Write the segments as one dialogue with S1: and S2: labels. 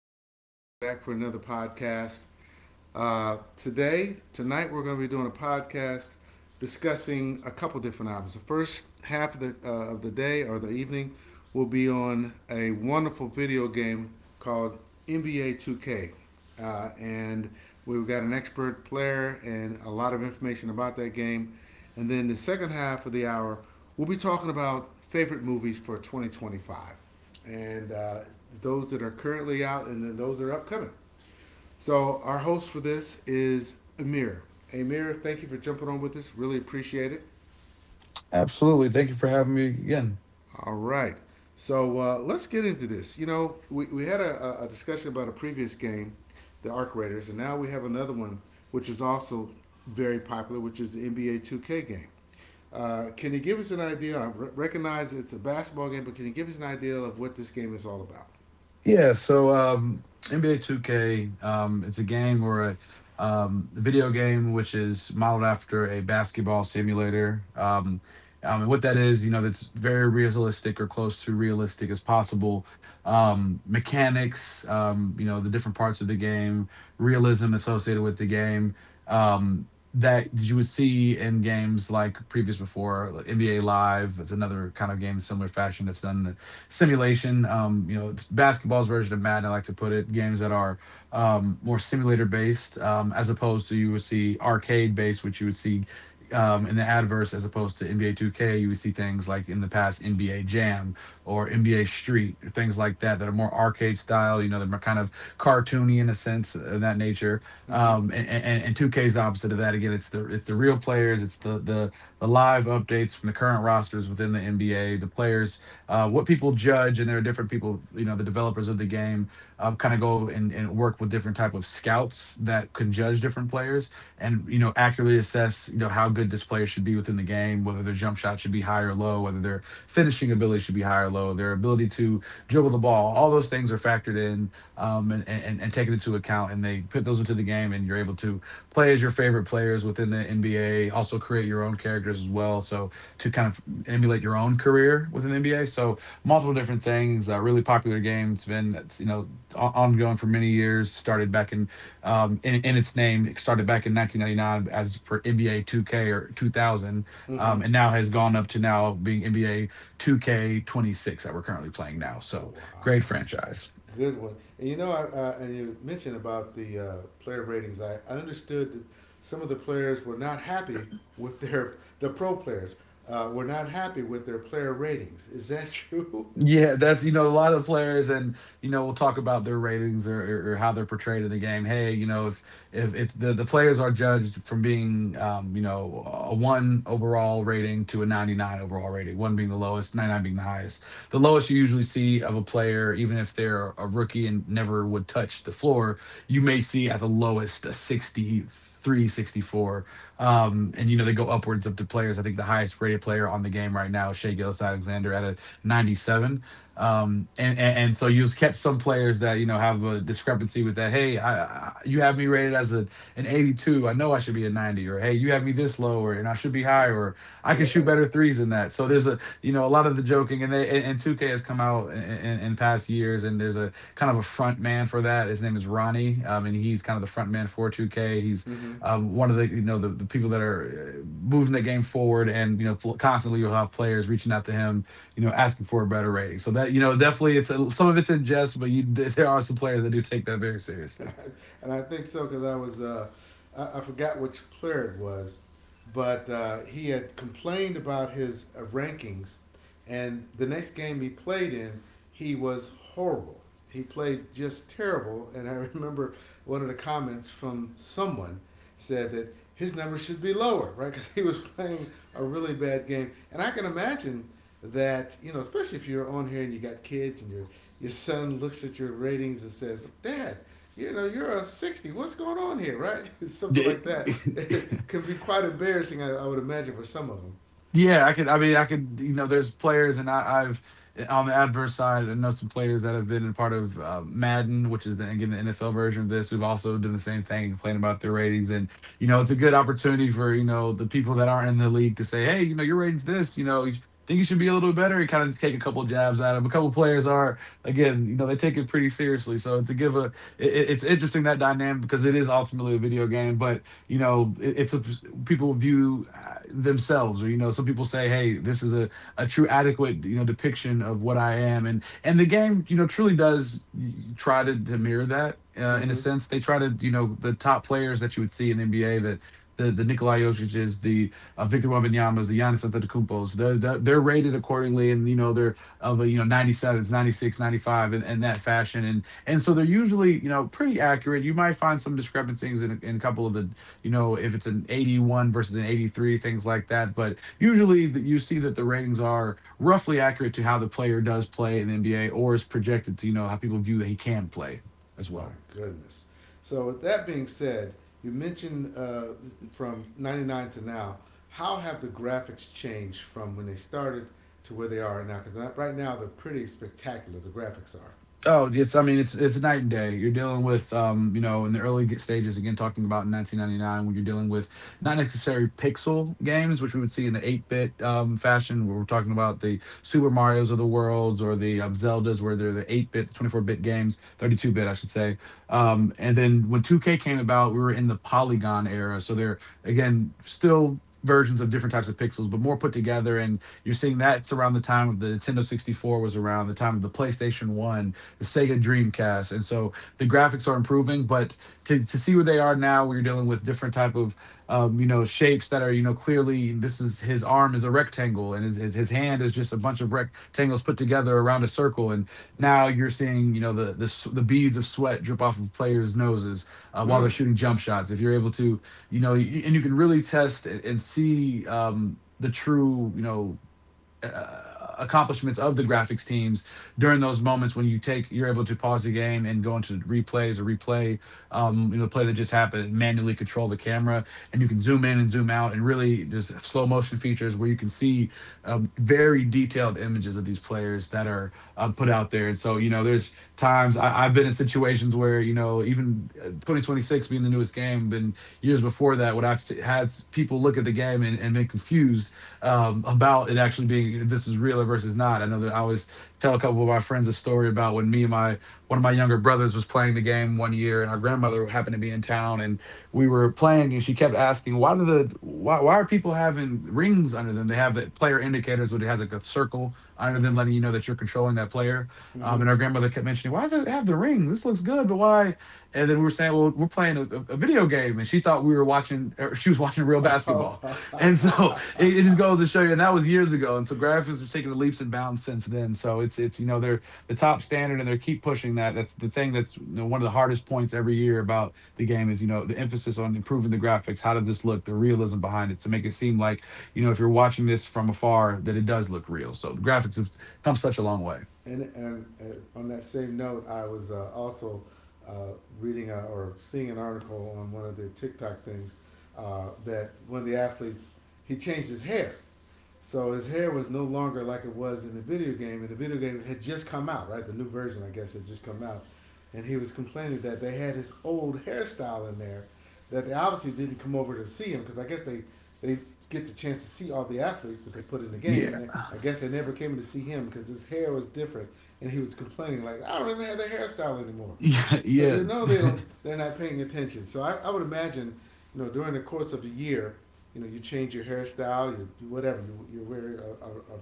S1: Tyson again, back for another podcast. Today, tonight, we're going to be doing a podcast discussing a couple different albums. The first half of the day or the evening will be on a wonderful video game called NBA 2K. And we've got an expert player and a lot of information about that game. And then the second half of the hour, we'll be talking about favorite movies for 2025 and those that are currently out, and then those that are upcoming. So our host for this is Amir. Amir, thank you for jumping on with us. Really appreciate it.
S2: Absolutely. Thank you for having me again.
S1: All right. So let's get into this. We had a discussion about a previous game, the Arc Raiders, and now we have another one, which is also very popular, which is the NBA 2K game. Can you give us an idea? Recognize it's a basketball game, but can you give us an idea of what this game is all about?
S2: Yeah, so NBA 2K, it's a game or a video game which is modeled after a basketball simulator. And what that is, you know, that's very realistic or close to realistic as possible. Mechanics, you know, the different parts of the game, realism associated with the game, um, that you would see in games like previous before like NBA Live. It's another kind of game in similar fashion that's done simulation. You know, it's basketball's version of Madden. I like to put it games that are more simulator based, as opposed to you would see arcade based, which you would see in the adverse, as opposed to NBA 2K. You would see things like in the past NBA Jam or NBA Street, or things like that that are more arcade style. You know, they're kind of cartoony in a sense, in that nature.
S1: Mm-hmm.
S2: And 2K is the opposite of that. Again, it's the real players, it's the live updates from the current rosters within the NBA, the players what people judge, and there are different people, you know, the developers of the game kind of go and work with different type of scouts that can judge different players and you know accurately assess you know how good this player should be within the game, whether their jump shot should be high or low, whether their finishing ability should be high or low, their ability to dribble the ball. All those things are factored in and taken into account, and they put those into the game, and you're able to play as your favorite players within the NBA. Also create your own characters as well. So to kind of emulate your own career within the NBA. So multiple different things. A really popular game. It's been that's you know, ongoing for many years. Started back in in its name. It started back in 1999 as for NBA 2K or 2000,
S1: Mm-hmm.
S2: and now has gone up to now being NBA 2K 26 that we're currently playing now. So
S1: Wow,
S2: great franchise.
S1: good one. And and you mentioned about the player ratings. I understood that some of the players were not happy with their the pro players were not happy with their player ratings. Is that true?
S2: Yeah, that's you know a lot of players, and you know we'll talk about their ratings or how they're portrayed in the game. Hey, you know, if the, the players are judged from being you know a one overall rating to a 99 overall rating, one being the lowest, 99 being the highest. The lowest you usually see of a player, even if they're a rookie and never would touch the floor, you may see at the lowest a 63, 64, and you know they go upwards up to players. I think the highest rated player on the game right now is Shea Gillis Alexander at a 97. And so you'll catch some players that you know have a discrepancy with that. Hey, I, you have me rated as a an 82. I know I should be a 90. Or hey, you have me this low, or and I should be higher. Or I can shoot
S1: Right.
S2: better threes than that. So there's a you know a lot of the joking, and 2K has come out in past years, and there's a kind of a front man for that. His name is Ronnie, and he's kind of the front man for 2K. He's
S1: Mm-hmm.
S2: um, one of the you know the people that are moving the game forward, and you know constantly you'll have players reaching out to him you know, asking for a better rating. So that you know, definitely, some of it's in jest, but you there are some players that do take that very seriously.
S1: And I think so because I forgot which player it was, but he had complained about his rankings, and the next game he played in, he was horrible. He played just terrible, and I remember one of the comments from someone said that his numbers should be lower, right? Because he was playing a really bad game, and I can imagine that you know, especially if you're on here and you got kids and your son looks at your ratings and says, "Dad, you know, you're a 60. What's going on here, right? Something like that." It can be quite embarrassing, I would imagine, for some of them.
S2: Yeah, I could. I mean, I could. You know, there's players, and I've on the adverse side, I know some players that have been a part of Madden, which is the, again the NFL version of this, who've also done the same thing, complaining about their ratings. And you know, it's a good opportunity for you know the people that aren't in the league to say, hey, you know, your ratings this, you know. Think you should be a little bit better and kind of take a couple jabs at them. A couple players are again, you know, they take it pretty seriously. So it's a give a. It's interesting that dynamic because it is ultimately a video game, but you know it's a people view themselves or you know some people say hey this is a true adequate you know depiction of what I am and the game you know truly does try to mirror that in a
S1: Mm-hmm.
S2: sense they try to you know the top players that you would see in NBA that the Nikola Jokic's, the Victor Wembanyama's, the Giannis Antetokounmpo's, they're rated accordingly, and you know they're of a you know 97s, 96, 95, and that fashion, and so they're usually you know pretty accurate. You might find some discrepancies in a couple of the you know, if it's an 81 versus an 83, things like that. But usually that you see that the ratings are roughly accurate to how the player does play in the NBA or is projected to, you know, how people view that he can play as
S1: My
S2: well.
S1: goodness. So, with that being said, you mentioned from 99 to now, how have the graphics changed from when they started to where they are now? Because right now, they're pretty spectacular, the graphics are.
S2: Oh, it's I mean it's night and day. You're dealing with you know, in the early stages again talking about 1999 when you're dealing with not necessarily pixel games which we would see in the 8-bit fashion where we're talking about the Super Marios of the worlds or the Zeldas where they're the 8-bit, the 24-bit games, 32-bit I should say. And then when 2K came about, we were in the polygon era. So they're again still versions of different types of pixels but more put together and you're seeing that's around the time of the Nintendo 64 was around the time of the PlayStation 1 the Sega Dreamcast, and so the graphics are improving. But to see where they are now, we're dealing with different type of you know shapes that are you know clearly this is his arm is a rectangle, and his hand is just a bunch of rectangles put together around a circle, and now you're seeing you know the beads of sweat drip off of players' noses while they're
S1: Mm.
S2: shooting jump shots. If you're able to you know and you can really test and see the true you know uh, accomplishments of the graphics teams during those moments when you're able to pause the game and go into replays or replay you know the play that just happened and manually control the camera and you can zoom in and zoom out and really there's slow motion features where you can see very detailed images of these players that are put out there and so you know there's times I've been in situations where you know even 2026 being the newest game been years before that when I've had people look at the game and been confused about it actually being this is real versus not. I know that I always tell a couple of my friends a story about when me and my one of my younger brothers was playing the game one year, and our grandmother happened to be in town, and we were playing, and she kept asking, "Why do the why are people having rings under them? They have the player indicators, which has like a circle under them,
S1: Mm-hmm.
S2: letting you know that you're controlling that player."
S1: Mm-hmm.
S2: And our grandmother kept mentioning, "Why do they have the rings? This looks good, but why?" And then we were saying, "Well, we're playing a video game," and she thought we were watching. Or she was watching real basketball, and so
S1: Oh.
S2: it just goes to show you, and that was years ago. And so graphics have taken the leaps and bounds since then. So it's you know they're the top standard, and they keep pushing that. That's the thing. That's you know, one of the hardest points every year about the game is you know the emphasis on improving the graphics. How did this look? The realism behind it to make it seem like you know if you're watching this from afar that it does look real. So the graphics have come such a long way.
S1: And on that same note, I was also uh, reading a, or seeing an article on one of the TikTok things that one of the athletes he changed his hair. So his hair was no longer like it was in the video game, and the video game had just come out, right? The new version, I guess, had just come out, and he was complaining that they had his old hairstyle in there, that they obviously didn't come over to see him because I guess they get the chance to see all the athletes that they put in the game,
S2: Yeah,
S1: and they, I guess they never came to see him because his hair was different, and he was complaining like, "I don't even have the hairstyle anymore."
S2: yeah,
S1: So
S2: yeah,
S1: you know they're not paying attention. So I would imagine, you know, during the course of a year, you know, you change your hairstyle, you do whatever, you wear a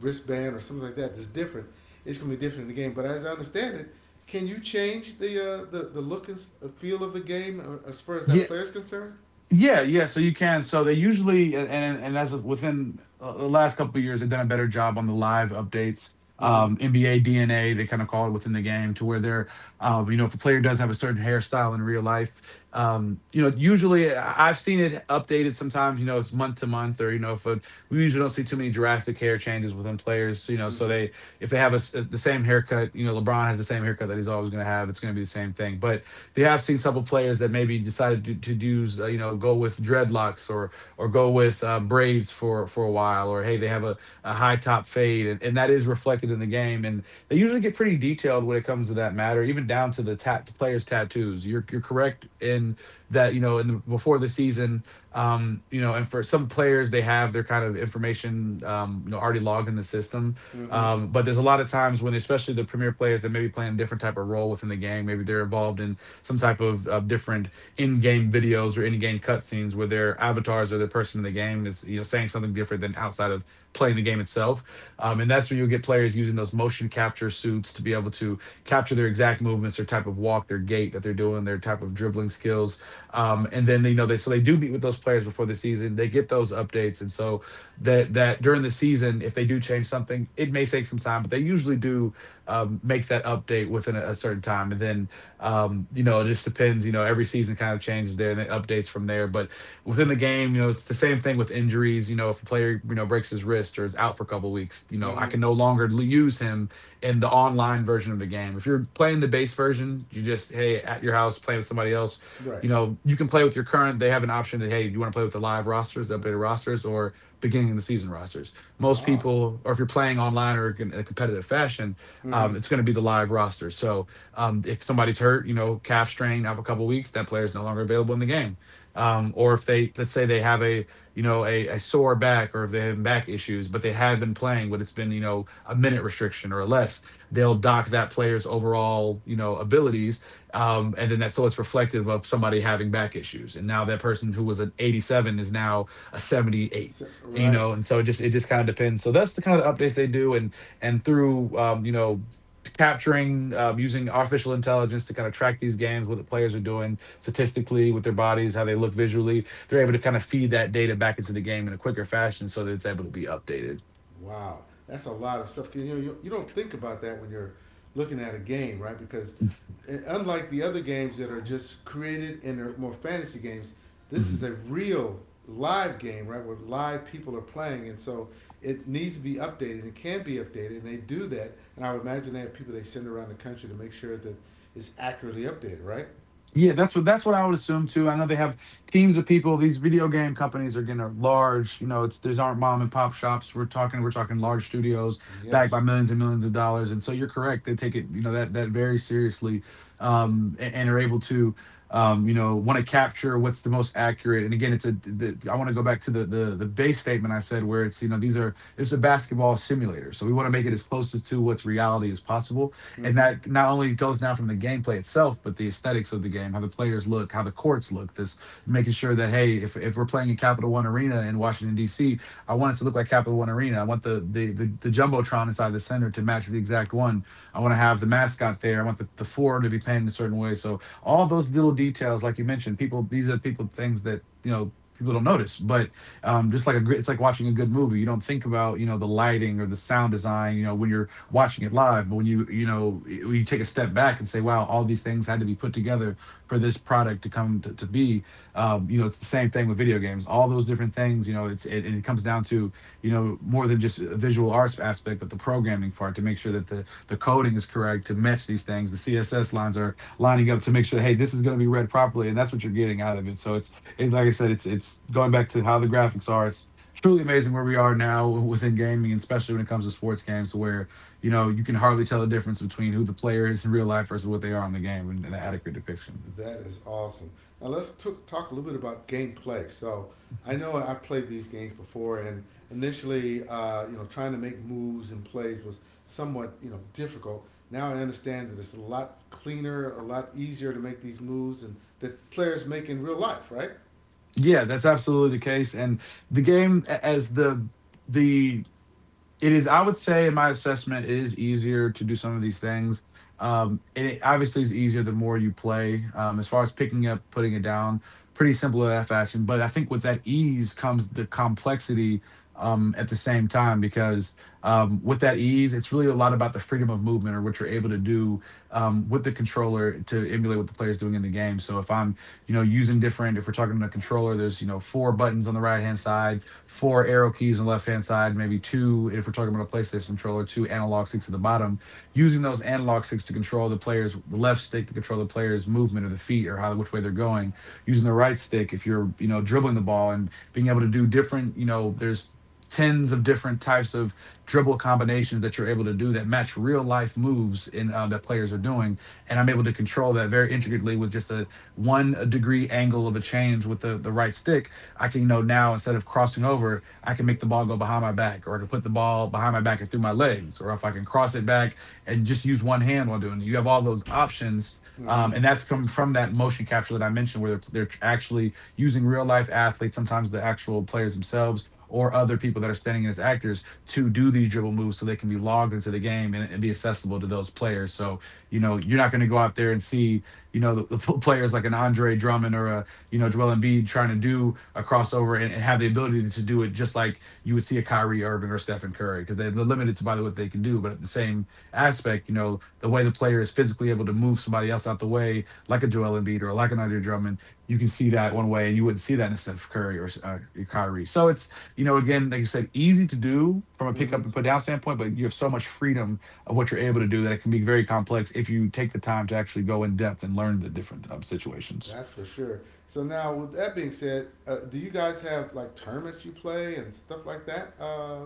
S1: wristband or something like that that's different. It's gonna be different in the game. But as I understand it, can you change the look and feel of the game as far as
S2: Yeah,
S1: that player is concerned?
S2: Yeah, yeah. So you can. So they usually, and as of within the last couple of years, they've done a better job on the live updates.
S1: Mm-hmm.
S2: NBA DNA, they kind of call it within the game, to where you know, if a player does have a certain hairstyle in real life, you know, usually I've seen it updated sometimes. You know, it's month to month, or you know, if a, we usually don't see too many drastic hair changes within players. You know, so
S1: Mm-hmm.
S2: they if they have a s the same haircut. You know, LeBron has the same haircut that he's always going to have. It's going to be the same thing, but they have seen several players that maybe decided to use you know, go with dreadlocks, or go with braids for a while, or hey, they have a high top fade, and that is reflected in the game, and they usually get pretty detailed when it comes to that matter, even down to the tat players' tattoos. You're correct in that, you know, before the season, you know, and for some players, they have their kind of information, you know, already logged in the system.
S1: Mm-hmm.
S2: But there's a lot of times when, especially the premier players, that may be playing a different type of role within the game, maybe they're involved in some type of different in-game videos or in-game cutscenes, where their avatars or the person in the game is, you know, saying something different than outside of playing the game itself. And that's where you'll get players using those motion capture suits to be able to capture their exact movements, their type of walk, their gait that they're doing, their type of dribbling skills. And then, you know, they so they do meet with those players before the season. They get those updates, and so that during the season, if they do change something, it may take some time, but they usually do make that update within a certain time. And then you know, it just depends. You know, every season kind of changes there and it updates from there. But within the game, you know, it's the same thing with injuries. You know, if a player, you know, breaks his wrist or is out for a couple of weeks, you know,
S1: Mm-hmm.
S2: I can no longer use him in the online version of the game. If you're playing the base version, you just hey at your house playing with somebody else.
S1: Right.
S2: You know, you can play with your current. They have an option that hey, you want to play with the live rosters, the updated rosters, or beginning of the season rosters. Most
S1: Ah.
S2: people, or if you're playing online or in a competitive fashion,
S1: Mm-hmm.
S2: it's going to be the live roster. So if somebody's hurt, you know, calf strain out for a couple of weeks, that player is no longer available in the game. Or if they, let's say they have you know, a sore back, or if they have back issues, but they have been playing, but it's been, you know, a minute restriction or less, they'll dock that player's overall, you know, abilities. And then that's so it's reflective of somebody having back issues, and now that person who was an 87 is now a 78.
S1: So,
S2: You
S1: right.
S2: know, and so it just, it just kind of depends. So that's the kind of the updates they do. And through you know, capturing, using artificial intelligence to kind of track these games, what the players are doing statistically with their bodies, how they look visually, they're able to kind of feed that data back into the game in a quicker fashion so that it's able to be updated.
S1: Wow, that's a lot of stuff. 'Cause, you know, you don't think about that when you're looking at a game, right? Because unlike the other games that are just created and are more fantasy games, this is a
S2: Mhm.
S1: real live game, right? Where live people are playing, and so it needs to be updated. And it can be updated, and they do that. And I would imagine they have people they send around the country to make sure that it's accurately updated, right?
S2: Yeah, that's what I would assume too. I know they have teams of people. These video game companies are getting large. You know, it's, these aren't mom and pop shops. We're talking large studios backed
S1: Yes.
S2: by millions and millions of dollars. And so you're correct. They take it, you know, that very seriously, and are able to you know, want to capture what's the most accurate. And again, it's a the, I want to go back to the the base statement I said where it's, you know, these are, it's a basketball simulator. So we want to make it as close as to what's reality as possible, and
S1: Mm-hmm.
S2: that not only goes now from the gameplay itself, but the aesthetics of the game, how the players look, how the courts look, this making sure that, hey, if we're playing in Capital One Arena in Washington, D.C., I want it to look like Capital One Arena. I want the, the Jumbotron inside the center to match the exact one. I want to have the mascot there. I want the floor to be painted a certain way. So all those little details, like you mentioned, people, these are people things that, you know, people don't notice, but it's like watching a good movie. You don't think about, you know, the lighting or the sound design, you know, when you're watching it live. But when you know, when you take a step back and say, wow, all these things had to be put together for this product to come to be. You know, it's the same thing with video games. All those different things, you know, and it comes down to, you know, more than just a visual arts aspect, but the programming part, to make sure that the coding is correct to match these things. The CSS lines are lining up to make sure, hey, this is going to be read properly, and that's what you're getting out of it. So like I said, it's going back to how the graphics are. It's truly amazing where we are now within gaming, and especially when it comes to sports games, where, you know, you can hardly tell the difference between who the player is in real life versus what they are on the game, and an
S1: Yeah,
S2: adequate depiction.
S1: that is awesome. Now talk a little bit about gameplay. So I know I played these games before, and initially, you know, trying to make moves and plays was somewhat, you know, difficult. Now I understand that it's a lot cleaner, a lot easier to make these moves, and that players make in real life, right?
S2: Yeah, that's absolutely the case. And the game as the it is, I would say, in my assessment, it is easier to do some of these things. And it obviously is easier the more you play. As far as picking up, putting it down, pretty simple in that fashion, but I think with that ease comes the complexity. At the same time, because, with that ease, it's really a lot about the freedom of movement, or what you're able to do with the controller, to emulate what the player's doing in the game. So if I'm, you know, using different, if we're talking about a controller, there's, you know, four buttons on the right hand side, four arrow keys on the left hand side, maybe two, if we're talking about a PlayStation controller, two analog sticks at the bottom. Using those analog sticks to control the left stick to control the player's movement of the feet, or how, which way they're going. Using the right stick if you're, you know, dribbling the ball, and being able to do different, you know, there's tens of different types of dribble combinations that you're able to do that match real life moves in that players are doing, and I'm able to control that very intricately with just a one degree angle of a change with the right stick. I can, you know, now instead of crossing over, I can make the ball go behind my back, or I can put the ball behind my back and through my legs, or if I can cross it back and just use one hand while doing it. You have all those options.
S1: Mm-hmm.
S2: And that's come from that motion capture that I mentioned, where they're actually using real life athletes, sometimes the actual players themselves, or other people that are standing in as actors to do these dribble moves, so they can be logged into the game and be accessible to those players. So, you know, you're not going to go out there and see, you know, the players like an Andre Drummond, or a you know, Joel Embiid, trying to do a crossover, and have the ability to do it just like you would see a Kyrie Irving or Stephen Curry, because they're limited to by what they can do. But at the same aspect, you know, the way the player is physically able to move somebody else out the way, like a Joel Embiid or like an Andre Drummond, you can see that one way, and you wouldn't see that in a Steph Curry or Kyrie. So it's, you know, again, like you said, easy to do from a pick
S1: Mm-hmm.
S2: up and put down standpoint, but you have so much freedom of what you're able to do that it can be very complex if you take the time to actually go in depth and learn the different situations.
S1: That's for sure. So now, with that being said, do you guys have like tournaments you play and stuff like that?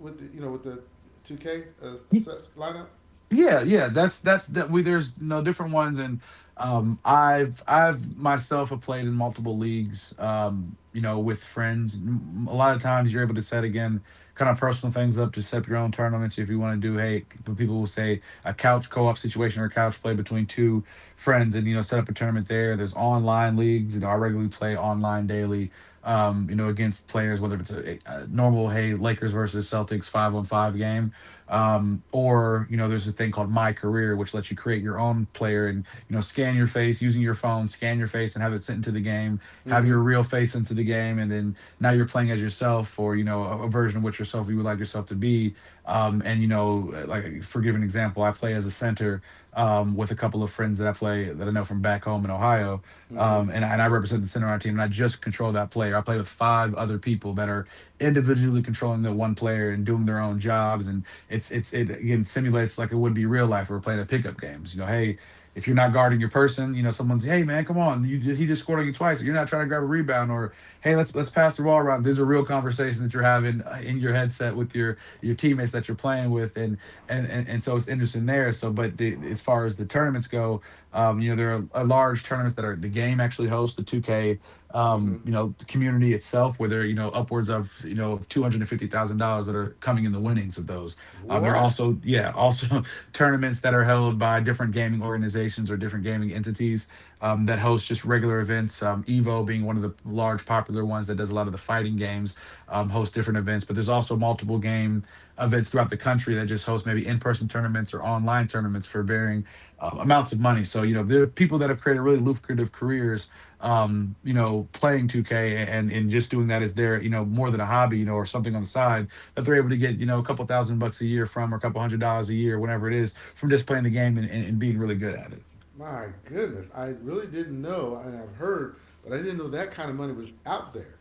S1: With the two K sets lineup.
S2: Yeah, yeah, that's that we there's no different ones. And I've myself have played in multiple leagues, you know, with friends. A lot of times you're able to set, again, kind of personal things up, to set up your own tournaments if you want to do, hey, but people will say a couch co-op situation or couch play between two friends and, you know, set up a tournament there. There's online leagues. You know, I regularly play online daily, you know, against players, whether it's a normal, hey, Lakers versus Celtics 5 on 5 game, or you know, there's a thing called My Career, which lets you create your own player and, you know, scan your face using your phone, scan your face and have it sent into the game, have
S1: Mm-hmm.
S2: your real face into the game, and then now you're playing as yourself, or you know, a version of what yourself you would like yourself to be. And you know, like, for giving an example, I play as a center with a couple of friends that I play, that I know from back home in Ohio.
S1: Mm-hmm.
S2: And I represent the center on our team, and I just control that player. I play with five other people that are individually controlling the one player and doing their own jobs. And it again simulates like it would be real life. We're playing a pickup games. You know, hey, if you're not guarding your person, you know, someone's, hey man, come on, you, he just scored on you twice. Or, you're not trying to grab a rebound. Or, hey, let's pass the ball around. These are real conversations that you're having in your headset with your teammates that you're playing with. And so it's interesting there. So, but the, as far as the tournaments go, you know, there are large tournaments that are, the game actually hosts the 2K,
S1: Mm-hmm.
S2: you know, the community itself, where there are, you know, upwards of, you know, of $250,000 that are coming in the winnings of those. There are
S1: What?
S2: also, yeah, also tournaments that are held by different gaming organizations or different gaming entities, that host just regular events. Evo being one of the large popular ones that does a lot of the fighting games, hosts different events. But there's also multiple game events throughout the country that just host maybe in-person tournaments or online tournaments for varying amounts of money. So you know, there are people that have created really lucrative careers, you know, playing 2K and just doing that as their, you know, more than a hobby, you know, or something on the side that they're able to get, you know, a couple 1,000 bucks a year from, or a couple $100 a year, whatever it is, from just playing the game and being really good at it.
S1: My goodness. I really didn't know, and I've heard, but I didn't know that kind of money was out there.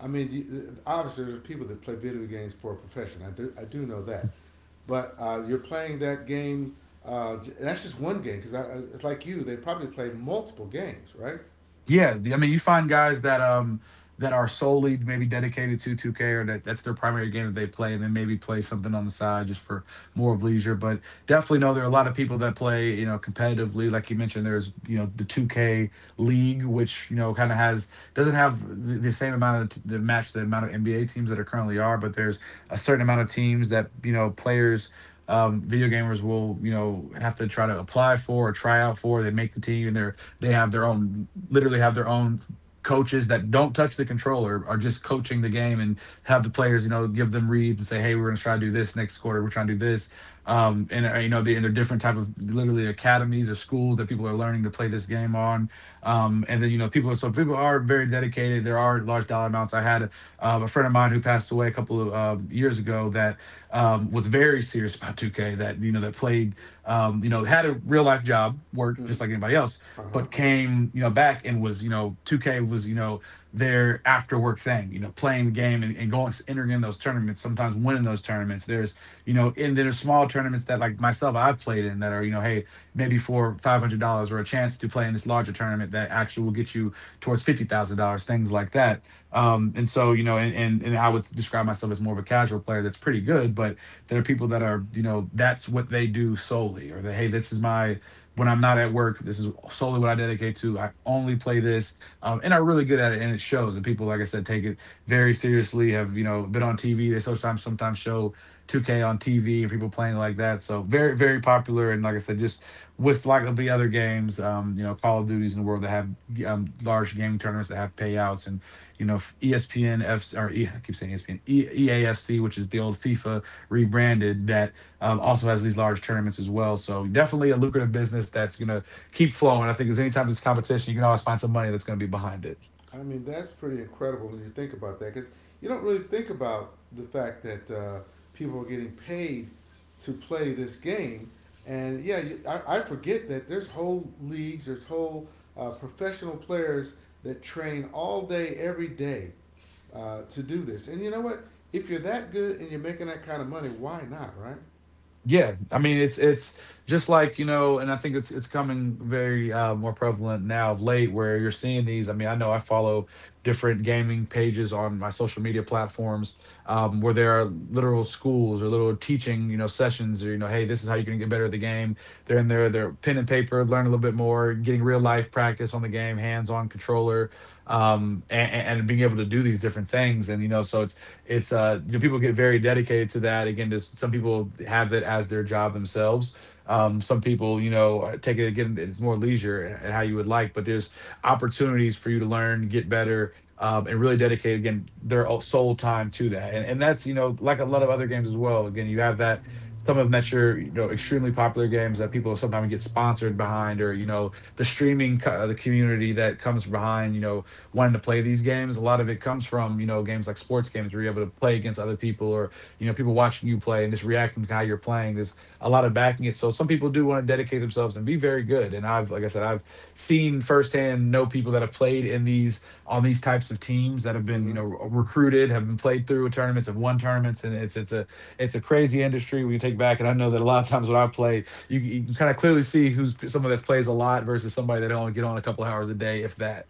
S1: I mean, you, obviously, there's people that play video games for a profession. I do know that. But you're playing that game, and that's just one game, because it's like you, they probably play multiple games, right?
S2: Yeah, I mean, you find guys that that are solely maybe dedicated to 2K, or that that's their primary game that they play, and then maybe play something on the side just for more of leisure. But definitely know there are a lot of people that play, you know, competitively. Like you mentioned, there's, you know, the 2K league, which, you know, kind of has, doesn't have the same amount of the match the amount of NBA teams that are currently are, but there's a certain amount of teams that, you know, players. Video gamers will, you know, have to try to apply for or try out for. They make the team, and they're, they have their own, literally have their own coaches that don't touch the controller, are just coaching the game, and have the players, you know, give them reads and say, hey, we're going to try to do this next quarter. We're trying to do this. You know, they, and they're different type of literally academies or schools that people are learning to play this game on. And then, you know, people, so people are very dedicated. There are large dollar amounts. I had a friend of mine who passed away a couple of years ago, that was very serious about 2K. That, you know, that played, you know, had a real life job, worked
S1: Mm-hmm.
S2: just like anybody else,
S1: Uh huh.
S2: but came, you know, back, and was, you know, 2K was, you know, their after work thing, you know, playing the game, and going, entering in those tournaments, sometimes winning those tournaments. There's, you know, and then there's small tournaments that, like myself, I've played in, that are, you know, hey, maybe for $500, or a chance to play in this larger tournament that actually will get you towards $50,000, things like that. And so, you know, and I would describe myself as more of a casual player that's pretty good. But there are people that are, you know, that's what they do solely, or that, hey, this is my, when I'm not at work, this is solely what I dedicate to. I only play this, and am really good at it, and it shows. And people, like I said, take it very seriously. Have, you know, been on TV? They sometimes show 2K on TV and people playing like that. So very very popular. And like I said, just with like the other games, you know, Call of Duties in the world that have large game tournaments that have payouts. And you know, ESPN F or E, I keep saying ESPN, EAFC, which is the old FIFA rebranded. That also has these large tournaments as well. So definitely a lucrative business that's going to keep flowing. I think there's, anytime there's competition, you can always find some money that's going to be behind it.
S1: I mean, that's pretty incredible when you think about that because you don't really think about the fact that people are getting paid to play this game. And yeah, you, I forget that there's whole leagues, there's whole professional players that train all day, every day to do this. And you know what? If you're that good and you're making that kind of money, why not, right?
S2: Yeah, I mean it's just like, you know, and I think it's coming very more prevalent now of late, where you're seeing these. I mean, I know I follow different gaming pages on my social media platforms where there are literal schools or little teaching, you know, sessions, or, you know, hey, this is how you can get better at the game. They're in there, they're pen and paper, learn a little bit more, getting real life practice on the game, hands-on controller, and being able to do these different things. And you know, so it's you know, people get very dedicated to that, again, just some people have it as their job themselves. Some people, you know, take it, again, it's more leisure and how you would like. But there's opportunities for you to learn, get better, and really dedicate, again, their sole time to that. And that's, you know, like a lot of other games as well. Again, you have that, some of them that you're, you know, extremely popular games that people sometimes get sponsored behind, or, you know, the the community that comes behind, you know, wanting to play these games. A lot of it comes from, you know, games like sports games where you're able to play against other people, or, you know, people watching you play and just reacting to how you're playing. There's a lot of backing it. So some people do want to dedicate themselves and be very good. And I've, like I said, I've seen firsthand, know people that have played in these, on these types of teams that have been, you
S1: Mm-hmm.
S2: know, recruited, have been played through tournaments, have won tournaments. And it's a crazy industry we can take back. And I know that a lot of times when I play, you can kind of clearly see who's someone that plays a lot versus somebody that only get on a couple hours a day, if that.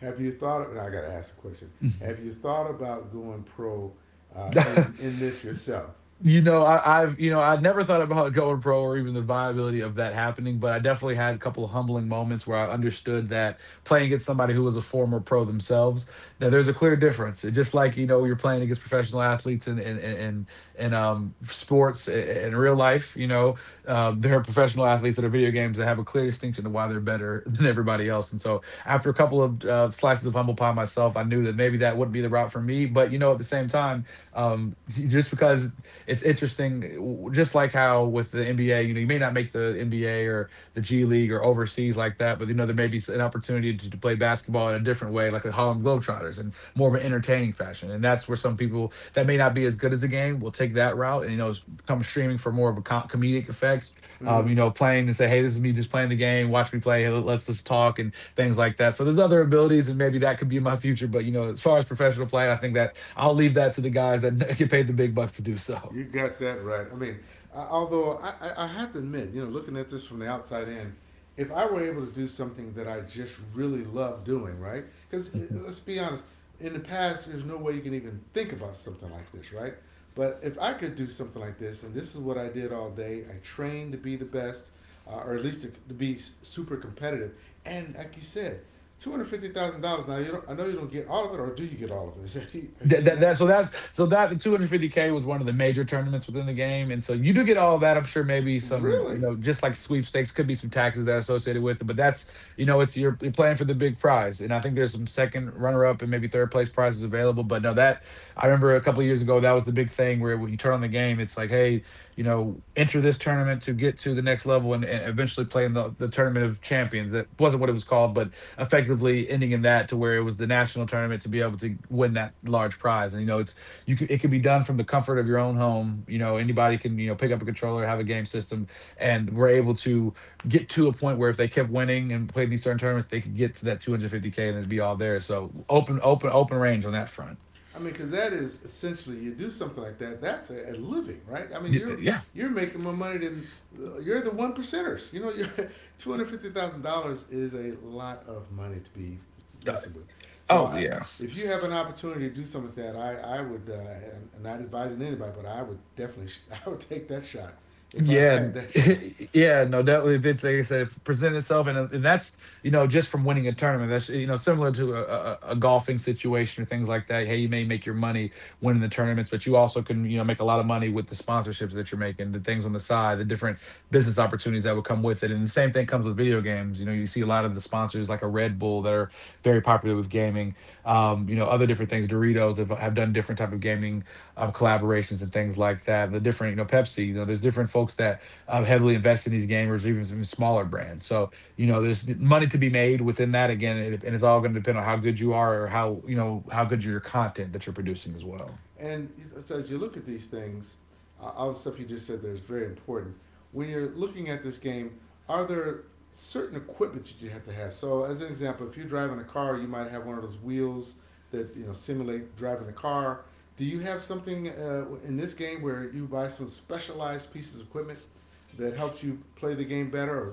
S1: Have you thought? Of, I got to ask a question. Have you thought about going pro uh, in in this yourself?
S2: You know, I, I've you know, I never thought about going pro or even the viability of that happening. But I definitely had a couple of humbling moments where I understood that playing against somebody who was a former pro themselves, that there's a clear difference. It, just like you're playing against professional athletes and sports and in real life. There are professional athletes that are video games that have a clear distinction of why they're better than everybody else. And so after a couple of slices of humble pie myself, I knew that maybe that wouldn't be the route for me. But you know, at the same time, just because it's interesting, just like how with the NBA, you know, you may not make the NBA or the G League or overseas like that, but you know, there may be an opportunity to play basketball in a different way, like the Harlem Globetrotters, in more of an entertaining fashion. And that's where some people that may not be as good as the game will take that route. And you know, come streaming for more of a comedic effect.
S1: Mm-hmm.
S2: You know, playing and say, "Hey, this is me just playing the game. Watch me play. Hey, let's just talk and things like that." So there's other abilities, and maybe that could be in my future. But you know, as far as professional play, I think that I'll leave that to the guys that get paid the big bucks to do so.
S1: You got that right. I mean, I, although I have to admit, you know, looking at this from the outside in, if I were able to do something that I just really love doing, right? Because let's be honest, in the past, there's no way you can even think about something like this, right? But if I could do something like this, and this is what I did all day, I trained to be the best, or at least to be super competitive. And like you said, $250,000. Now you don't. I know you don't get all of it, or do you get all of it? Is that, are you
S2: That,
S1: getting
S2: that,
S1: that?
S2: that so that so that the 250k was one of the major tournaments within the game, and so you do get all of that. I'm sure maybe some, you
S1: Really?
S2: know, just like sweepstakes, could be some taxes that are associated with it, but that's you know it's you're playing for the big prize, and I think there's some second runner up and maybe third place prizes available. But no, that I remember a couple of years ago that was the big thing where when you turn on the game, it's like, hey, you know, enter this tournament to get to the next level and eventually play in the tournament of champions. That wasn't what it was called, but effectively ending in that to where it was the national tournament to be able to win that large prize. And you know it's you can, it can be done from the comfort of your own home. You know, anybody can, you know, pick up a controller, have a game system, and we're able to get to a point where if they kept winning and played these certain tournaments, they could get to that 250k and it'd be all there. So open range on that front.
S1: I mean, because that is essentially you do something like that. That's a living, right? I mean, you're
S2: Yeah.
S1: you're making more money than you're the one percenters. You know, you're $250,000 is a lot of money to be messing with. So,
S2: Oh
S1: I,
S2: yeah.
S1: if you have an opportunity to do something like that, I would I'm not advising anybody, but I would definitely I would take that shot if I
S2: Yeah,
S1: had that shot.
S2: yeah, no, definitely. If it's, like I said, if it presents itself, and that's, you know, just from winning a tournament, that's you know similar to a, a golfing situation or things like that. Hey, you may make your money winning the tournaments, but you also can, you know, make a lot of money with the sponsorships that you're making, the things on the side, the different business opportunities that would come with it. And the same thing comes with video games. You know, you see a lot of the sponsors like a Red Bull that are very popular with gaming. You know, other different things. Doritos have done different type of gaming collaborations and things like that. The different, you know, Pepsi, you know, there's different folks that heavily invest in these gamers, even some smaller brands. So, you know, there's money to be made within that again, and it's all going to depend on how good you are or how, you know, how good your content that you're producing as well.
S1: And so as you look at these things, all the stuff you just said there is very important. When you're looking at this game, are there certain equipment that you have to have? So as an example, if you're driving a car, you might have one of those wheels that you know simulate driving a car. Do you have something in this game where you buy some specialized pieces of equipment that helps you play the game better or,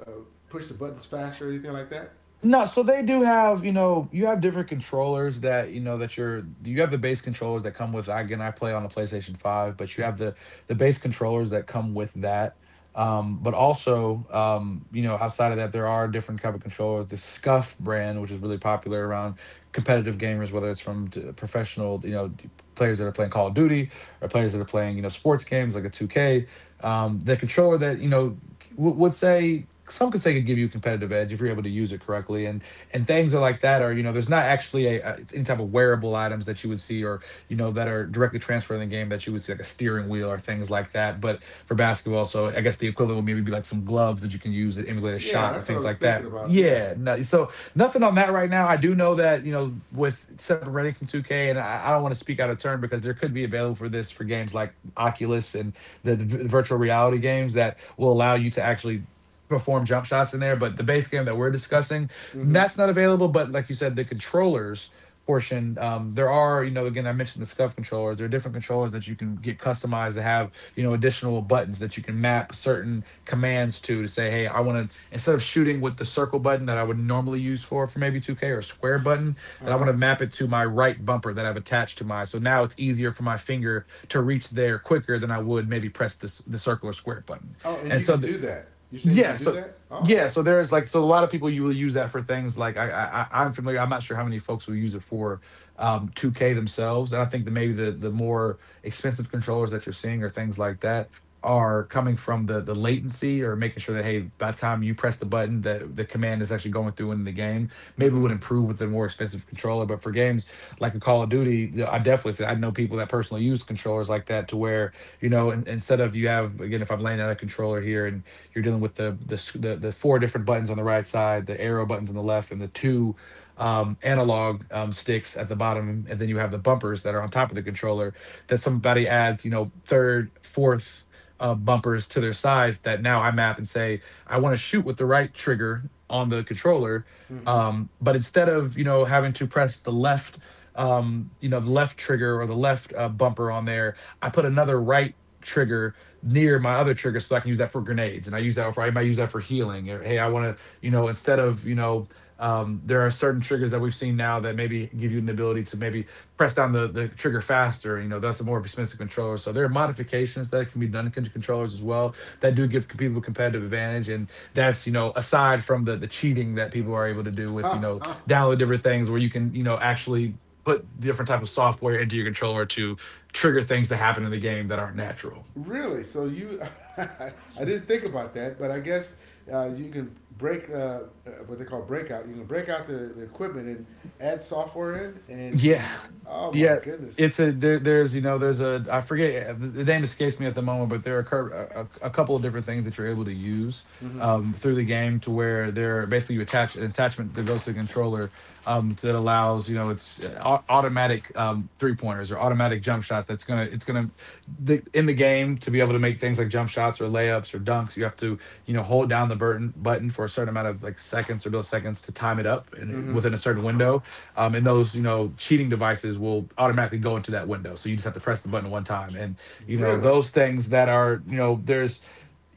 S1: or uh, push the buttons faster or anything like that?
S2: No, so they do have, you know, you have different controllers that, you know, that you're you have the base controllers that come with. Again, I play on a PlayStation 5, but you have the base controllers that come with that. But also, you know, outside of that, there are different type of controllers. The Scuf brand, which is really popular around competitive gamers, whether it's from professional, you know, players that are playing Call of Duty, or players that are playing, you know, sports games like a 2K. The controller that, you know, would say, some could say, could give you a competitive edge if you're able to use it correctly and things are like that. Or you know there's not actually a, any type of wearable items that you would see, or you know that are directly transferred in the game that you would see, like a steering wheel or things like that. But for basketball, so I guess the equivalent would maybe be like some gloves that you can use to emulate a
S1: Yeah,
S2: shot or
S1: that's what I
S2: things
S1: was
S2: like
S1: thinking
S2: that.
S1: about. Yeah.
S2: Yeah, no, so nothing on that right now. I do know that, you know, with separating from 2K, and I don't want to speak out of turn because there could be available for this for games like Oculus and the virtual reality games that will allow you to actually perform jump shots in there. But the base game that we're discussing,
S1: Mm-hmm.
S2: that's not available. But like you said, the controllers portion, there are, you know, again, I mentioned the Scuff controllers. There are different controllers that you can get customized to have, you know, additional buttons that you can map certain commands to say, hey, I want to, instead of shooting with the circle button that I would normally use for maybe 2K, or a square button,
S1: Uh
S2: that I want
S1: huh.
S2: to map it to my right bumper that I've attached to my. So now it's easier for my finger to reach there quicker than I would maybe press this the circle or square button.
S1: Oh, and
S2: And
S1: you
S2: so
S1: can
S2: the,
S1: do that. You're saying you
S2: yeah,
S1: can do
S2: so
S1: that? Oh.
S2: yeah, so there's like, so a lot of people you will use that for things like I'm familiar. I'm not sure how many folks will use it for 2K themselves, and I think that maybe the more expensive controllers that you're seeing or things like that are coming from the latency, or making sure that, hey, by the time you press the button that the command is actually going through in the game, maybe it
S1: Mm-hmm.
S2: would improve with the more expensive controller. But for games like a Call of Duty, I definitely say I know people that personally use controllers like that, to where, you know, instead of, you have, again, if I'm laying out a controller here, and you're dealing with the four different buttons on the right side, the arrow buttons on the left, and the two analog sticks at the bottom, and then you have the bumpers that are on top of the controller. That somebody adds, you know, third, fourth bumpers to their sides. That now I map and say, I want to shoot with the right trigger on the controller.
S1: Mm-hmm.
S2: But instead of, you know, having to press the left, you know, the left trigger or the left bumper on there, I put another right trigger near my other trigger, so I can use that for grenades, and I use that for, I might use that for healing, or hey, I want to, you know, instead of, you know, there are certain triggers that we've seen now that maybe give you an ability to maybe press down the trigger faster. You know, that's a more expensive controller. So there are modifications that can be done to controllers as well that do give people competitive advantage. And that's, you know, aside from the cheating that people are able to do with, you know, download different things where you can, you know, actually put different type of software into your controller to trigger things that happen in the game that aren't natural.
S1: Really? So you, I didn't think about that, but I guess you can break what they call breakout. You can break out the equipment and add software in, and,
S2: Yeah,
S1: and oh my
S2: yeah.
S1: goodness.
S2: It's a there. There's, you know, there's a, I forget, the name escapes me at the moment, but there are a, a couple of different things that you're able to use
S1: Mm-hmm.
S2: through the game, to where they're basically, you attach an attachment that goes to the controller, that allows, you know, it's automatic three pointers or automatic jump shots. That's gonna it's gonna the, in the game to be able to make things like jump shots or layups or dunks. You have to hold down the button for a certain amount of like seconds or milliseconds to time it up and
S1: Mm-hmm.
S2: within a certain window, and those cheating devices will automatically go into that window, so you just have to press the button one time and you know
S1: Really?
S2: those things that are you know there's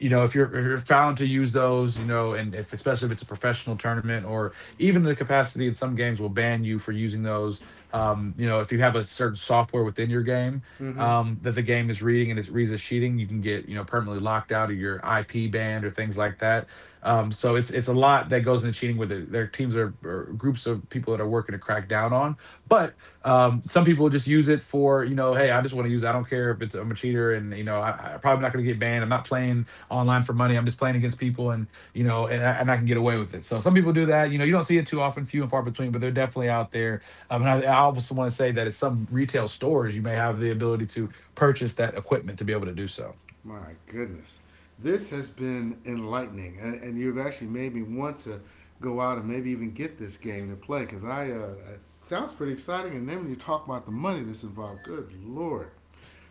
S2: if you're found to use those, and if especially if it's a professional tournament or even the capacity, in some games will ban you for using those. If you have a certain software within your game
S1: Mm-hmm.
S2: that the game is reading and it reads as cheating, you can get permanently locked out, of your IP banned, or things like that. So it's a lot that goes into cheating with it. There are teams or groups of people that are working to crack down on, but some people just use it for, hey, I just want to use it. I don't care if it's, I'm a cheater, and I'm probably not going to get banned. I'm not playing online for money. I'm just playing against people, and I can get away with it. So some people do that. You know, you don't see it too often, few and far between, but they're definitely out there. And I also want to say that at some retail stores, you may have the ability to purchase that equipment to be able to do so.
S1: My goodness. This has been enlightening, and you've actually made me want to go out and maybe even get this game to play because I it sounds pretty exciting. And then when you talk about the money that's involved, good lord!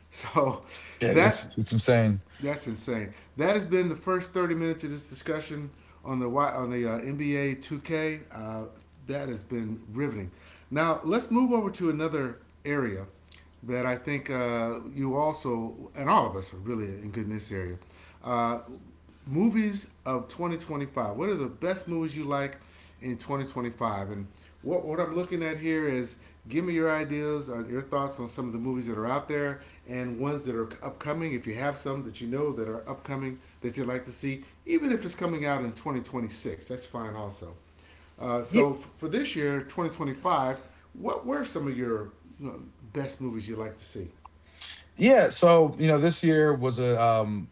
S1: So
S2: Yeah, it's
S1: that
S2: it's insane.
S1: that's insane. That has been the first 30 minutes of this discussion on the NBA 2K. That has been riveting. Now let's move over to another area that I think you also and all of us are really in good in this area. Uh, movies of 2025. What are the best movies you like in 2025? And what I'm looking at here is give me your ideas or your thoughts on some of the movies that are out there and ones that are upcoming. If you have some that you know that are upcoming that you'd like to see, even if it's coming out in 2026, that's fine also. Uh,
S2: Yeah.
S1: so f- for this year, 2025, what were some of your you know, best movies you like to see?
S2: Yeah, so you know, this year was a,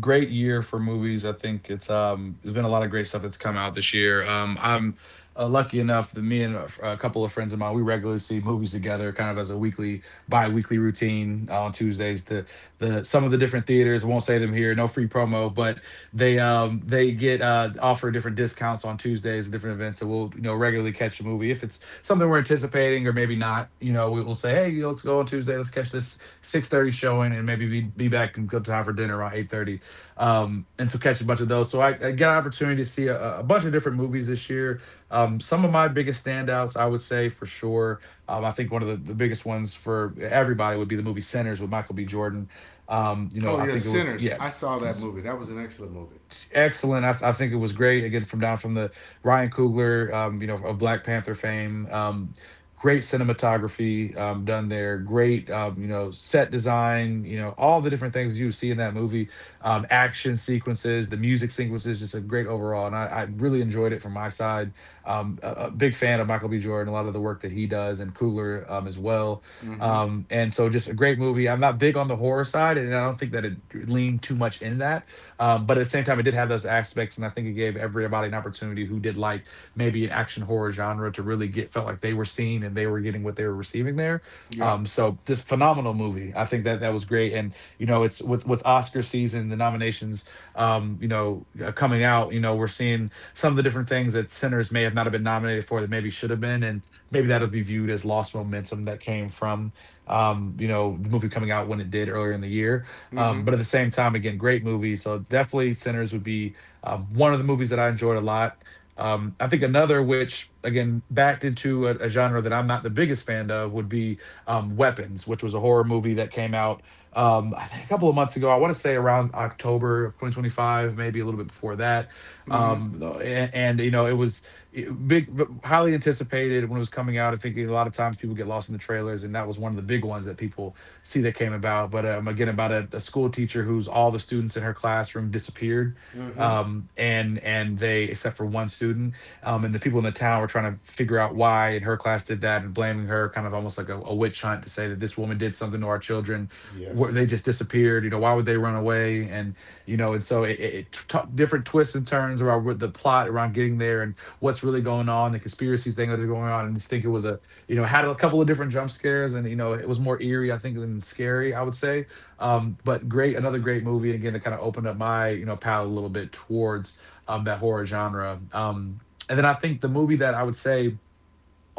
S2: great year for movies. I think it's, there's been a lot of great stuff that's come out this year. I'm lucky enough that me and a couple of friends of mine, we regularly see movies together, kind of as a weekly, bi-weekly routine on Tuesdays. The some of the different theaters, won't say them here, no free promo, but they get offer different discounts on Tuesdays, different events. So we'll, you know, regularly catch a movie if it's something we're anticipating or maybe not. You know, we will say, hey, you know, let's go on Tuesday, let's catch this 6:30 showing, and maybe be back in good time for dinner around 8:30. And to catch a bunch of those. So I got an opportunity to see a bunch of different movies this year. Some of my biggest standouts, I would say for sure. I think one of the biggest ones for everybody would be the movie Centers with Michael B. Jordan. You know,
S1: Oh
S2: I
S1: yeah,
S2: think it was,
S1: Sinners.
S2: yeah.
S1: I saw that
S2: It's
S1: movie. That was an excellent movie.
S2: excellent. I think it was great. Again, from down from the Ryan Coogler, you know, of Black Panther fame. Great cinematography done there. Great, you know, set design. You know, all the different things you see in that movie. Action sequences, the music sequences, just a great overall. And I really enjoyed it from my side. A big fan of Michael B. Jordan, a lot of the work that he does, and Coogler as well.
S1: Mm-hmm.
S2: And so, just a great movie. I'm not big on the horror side, and I don't think that it leaned too much in that, but at the same time, it did have those aspects, and I think it gave everybody an opportunity who did like maybe an action horror genre to really get felt like they were seen and they were getting what they were receiving there.
S1: Yeah.
S2: So just phenomenal movie. I think that that was great, and you know, it's with Oscar season, the nominations, coming out. You know, we're seeing some of the different things that Sinners may have not have been nominated for that maybe should have been, and maybe that'll be viewed as lost momentum that came from, you know, the movie coming out when it did earlier in the year,
S1: Mm-hmm.
S2: but at the same time, again, great movie. So definitely Sinners would be one of the movies that I enjoyed a lot. I think another, which again backed into a genre that I'm not the biggest fan of, would be Weapons, which was a horror movie that came out, I think a couple of months ago. I want to say around October of 2025, maybe a little bit before that.
S1: Mm-hmm.
S2: And you know, it was big, highly anticipated when it was coming out. I think a lot of times people get lost in the trailers, and that was one of the big ones that people see that came about. But again, about a school teacher who's all the students in her classroom disappeared,
S1: Mm-hmm.
S2: and they, except for one student, and the people in the town were trying to figure out why, and her class did that and blaming her, kind of almost like a witch hunt, to say that this woman did something to our children, where
S1: Yes.
S2: they just disappeared. You know, why would they run away? And you know, and so different twists and turns around with the plot around getting there and what's really going on, the conspiracies thing that are going on, and just think it was a, you know, had a couple of different jump scares, and you know, it was more eerie, I think, than scary, I would say. But great, another great movie, and again, that kind of opened up my, you know, palette a little bit towards that horror genre. And then I think the movie that I would say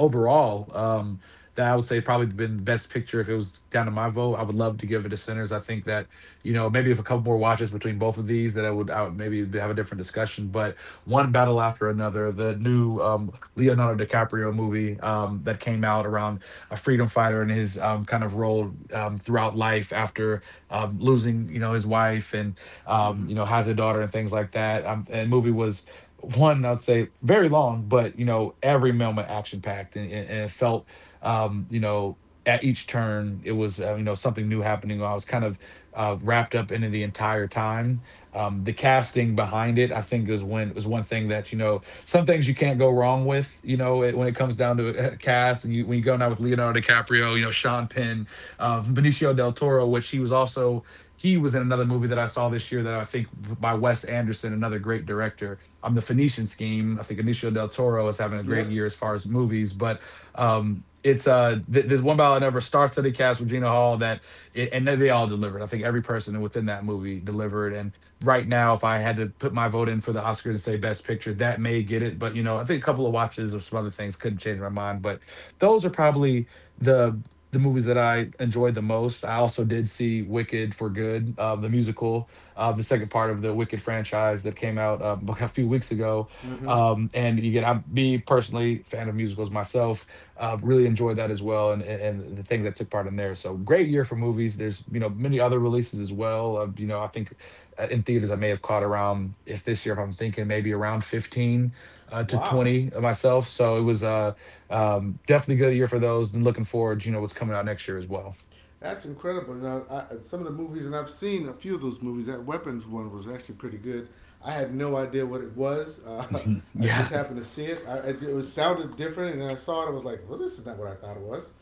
S2: overall, that I would say probably been the best picture, if it was down to my vote, I would love to give it to Sinners. I think that, you know, maybe if a couple more watches between both of these, that I would maybe have a different discussion. But One Battle After Another, the new Leonardo DiCaprio movie that came out, around a freedom fighter and his, kind of role throughout life after, losing, you know, his wife, and
S1: Mm-hmm.
S2: you know, has a daughter and things like that. And movie was one I'd say very long, but you know, every moment action packed, and, it felt, um you know at each turn it was, you know, something new happening. I was kind of, wrapped up into the entire time. The casting behind it, I think is, when is one thing that, you know, some things you can't go wrong with, you know it, when it comes down to a cast, and you, when you go now with Leonardo DiCaprio, you know, Sean Penn, Benicio del Toro, which he was also, he was in another movie that I saw this year that I think, by Wes Anderson, another great director, I'm the Phoenician Scheme. I think Benicio del Toro is having a great
S1: Yep.
S2: year as far as movies. But there's One Ballad I Never, starts to the cast with Regina Hall that it, and they all delivered. I think every person within that movie delivered. And right now, if I had to put my vote in for the Oscars and say Best Picture, that may get it. But you know, I think a couple of watches of some other things couldn't change my mind. But those are probably the the movies that I enjoyed the most. I also did see Wicked for Good, the musical, the second part of the Wicked franchise that came out a few weeks ago.
S1: Mm-hmm.
S2: And you get, I'm, me personally, fan of musicals myself, really enjoyed that as well, and the things that took part in there. So great year for movies. There's, you know, many other releases as well. You know, I think in theaters I may have caught around, if this year if I'm thinking, maybe around 15 to
S1: Wow.
S2: 20 myself. So it was definitely a good year for those, and looking forward, you know, what's coming out next year as well.
S1: That's incredible. Now, some of the movies, and I've seen a few of those movies. That Weapons one was actually pretty good. I had no idea what it was. I just
S2: Yeah.
S1: happened to see it. It was sounded different, and I saw it. I was like, "Well, this is not what I thought it was."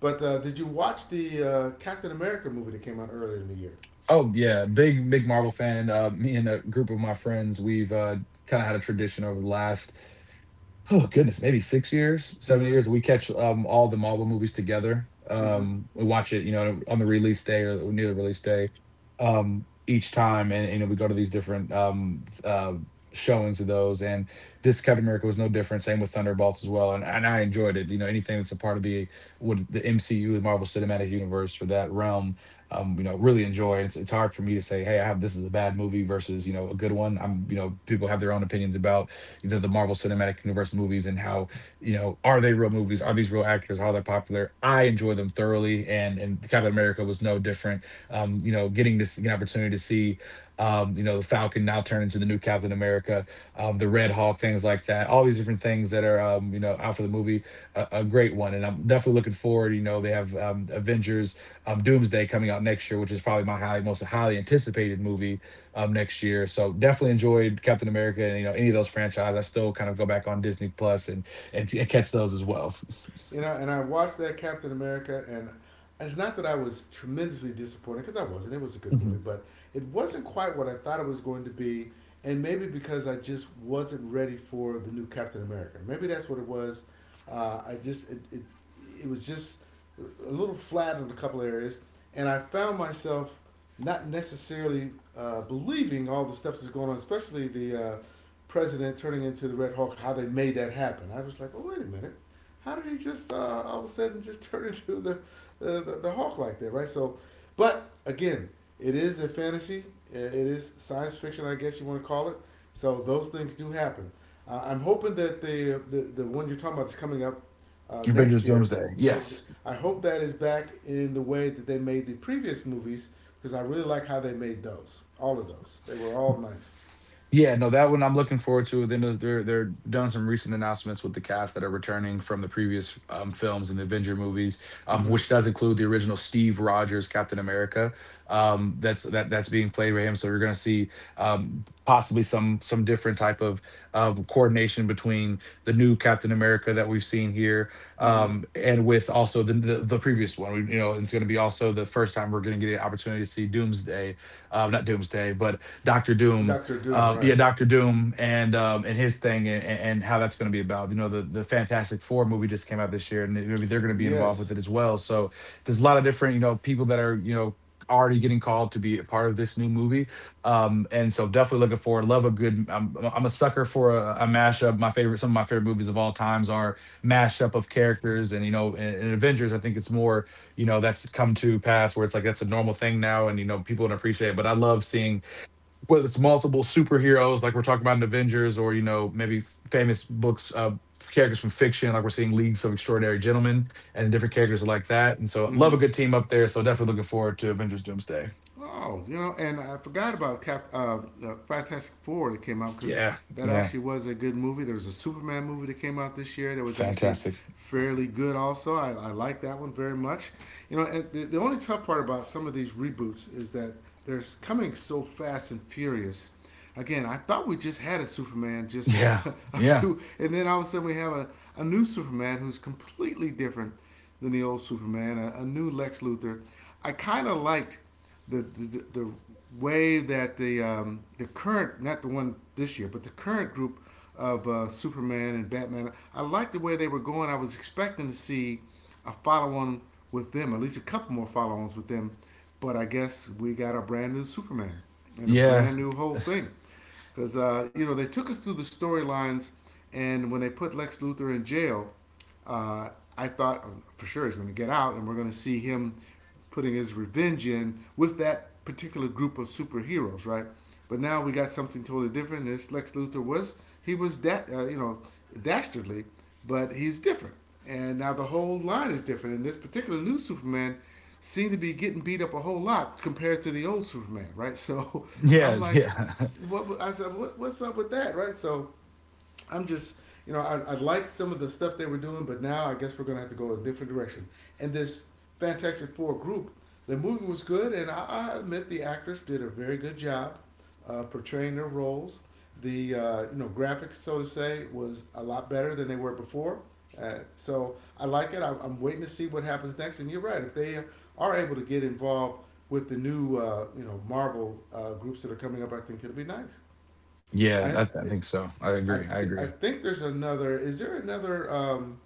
S1: But did you watch the Captain America movie that came out earlier in the year?
S2: Oh yeah, big Marvel fan. Me and a group of my friends, we've, kind of had a tradition over the last, oh goodness, maybe 6 years, seven
S1: Mm-hmm.
S2: years. We catch all the Marvel movies together.
S1: Mm-hmm.
S2: We watch it, you know, on the release day or near the release day each time, and you know, we go to these different showings of those. And this Captain America was no different. Same with Thunderbolts as well, and I enjoyed it. You know, anything that's a part of the what the MCU, the Marvel Cinematic Universe, or that realm, you know, really enjoy. It's hard for me to say, hey, I have, this is a bad movie versus, you know, a good one. I'm, you know, people have their own opinions about the Marvel Cinematic Universe movies, and how, you know, are they real movies? Are these real actors? Are they popular? I enjoy them thoroughly, and Captain America was no different. Getting this an opportunity to see, the Falcon now turn into the new Captain America, the Red Hawk, things like that. All these different things that are out for the movie, a great one, and I'm definitely looking forward. You know, they have Avengers Doomsday coming out next year, which is probably my highly anticipated movie next year. So definitely enjoyed Captain America and you know any of those franchises. I still kind of go back on Disney Plus and and catch those as well.
S1: You know, and I watched that Captain America, and it's not that I was tremendously disappointed because I wasn't. It was a good
S2: Mhm.
S1: movie, but it wasn't quite what I thought it was going to be, and maybe because I just wasn't ready for the new Captain America. Maybe that's what it was. I just it was just a little flat in a couple areas, and I found myself not necessarily believing all the stuff that's going on, especially the president turning into the Red Hulk. How they made that happen? I was like, oh wait a minute, how did he just all of a sudden just turn into the Hulk like that, right? So, but again, it is a fantasy. It is science fiction, I guess you want to call it. So those things do happen. I'm hoping that the one you're talking about is coming up
S2: Avengers
S1: next year.
S2: Doomsday, yes.
S1: I hope that is back in the way that they made the previous movies because I really like how they made those. All of those, they were all nice.
S2: Yeah, no, that one I'm looking forward to. They're done some recent announcements with the cast that are returning from the previous films and the Avenger movies,
S1: Mm-hmm.
S2: which does include the original Steve Rogers Captain America. That's being played by him. So you're going to see possibly some different type of coordination between the new Captain America that we've seen here
S1: Mm-hmm.
S2: and with also the the previous one. We, you know, it's going to be also the first time we're going to get an opportunity to see Doomsday, not Doomsday, but Doctor Doom,
S1: Doctor Doom, right?
S2: yeah, Doctor Doom and his thing and how that's going to be about. You know, the Fantastic Four movie just came out this year, and maybe they're going to be involved with
S1: Yes.
S2: it as well. So there's a lot of different you know people that are you know already getting called to be a part of this new movie. And so definitely looking forward. Love a good. I'm a sucker for a mashup. Some of my favorite movies of all times are mashup of characters, and you know, in Avengers, I think it's more you know that's come to pass where it's like that's a normal thing now, and you know people don't appreciate. It. But I love seeing whether it's multiple superheroes like we're talking about in Avengers or you know maybe famous books characters from fiction like we're seeing Leagues of Extraordinary Gentlemen and different characters like that and so
S1: Mm-hmm.
S2: love a good team up there so definitely looking forward to Avengers Doomsday.
S1: Oh, you know, and I forgot about Fantastic Four that came out because
S2: Yeah.
S1: that
S2: Yeah.
S1: actually was a good movie. There was a Superman movie that came out this year that was actually
S2: Fantastic.
S1: fairly good. Also, I like that one very much. You know, and the only tough part about some of these reboots is that they're coming so fast and furious. Again, I thought we just had a Superman just
S2: Yeah.
S1: a
S2: Yeah.
S1: few, and then all of a sudden we have a new Superman who's completely different than the old Superman, a new Lex Luthor. I kind of liked the way that the current, not the one this year, but the current group of Superman and Batman, I liked the way they were going. I was expecting to see a follow on with them, at least a couple more follow ons with them. But I guess we got a brand new Superman and a
S2: Yeah.
S1: brand new whole thing because you know they took us through the storylines, and when they put Lex Luthor in jail, uh, I thought, for sure he's going to get out, and we're going to see him putting his revenge in with that particular group of superheroes, right? But now we got something totally different. This Lex Luthor was dastardly, but he's different, and now the whole line is different. And this particular new Superman seemed to be getting beat up a whole lot compared to the old Superman, right? So I'm
S2: Yeah.
S1: like,
S2: Yeah.
S1: what I said, what's up with that, right? So I'm just, you know, I liked some of the stuff they were doing, but now I guess we're going to have to go a different direction. And this Fantastic Four group, the movie was good, and I admit the actors did a very good job portraying their roles. The graphics, so to say, was a lot better than they were before. So I like it. I'm waiting to see what happens next. And you're right. If they are able to get involved with the new, Marvel groups that are coming up, I think it'll be nice.
S2: Yeah,
S1: I
S2: I think so. I
S1: I
S2: agree. I
S1: th- I
S2: agree.
S1: think there's another. Is there another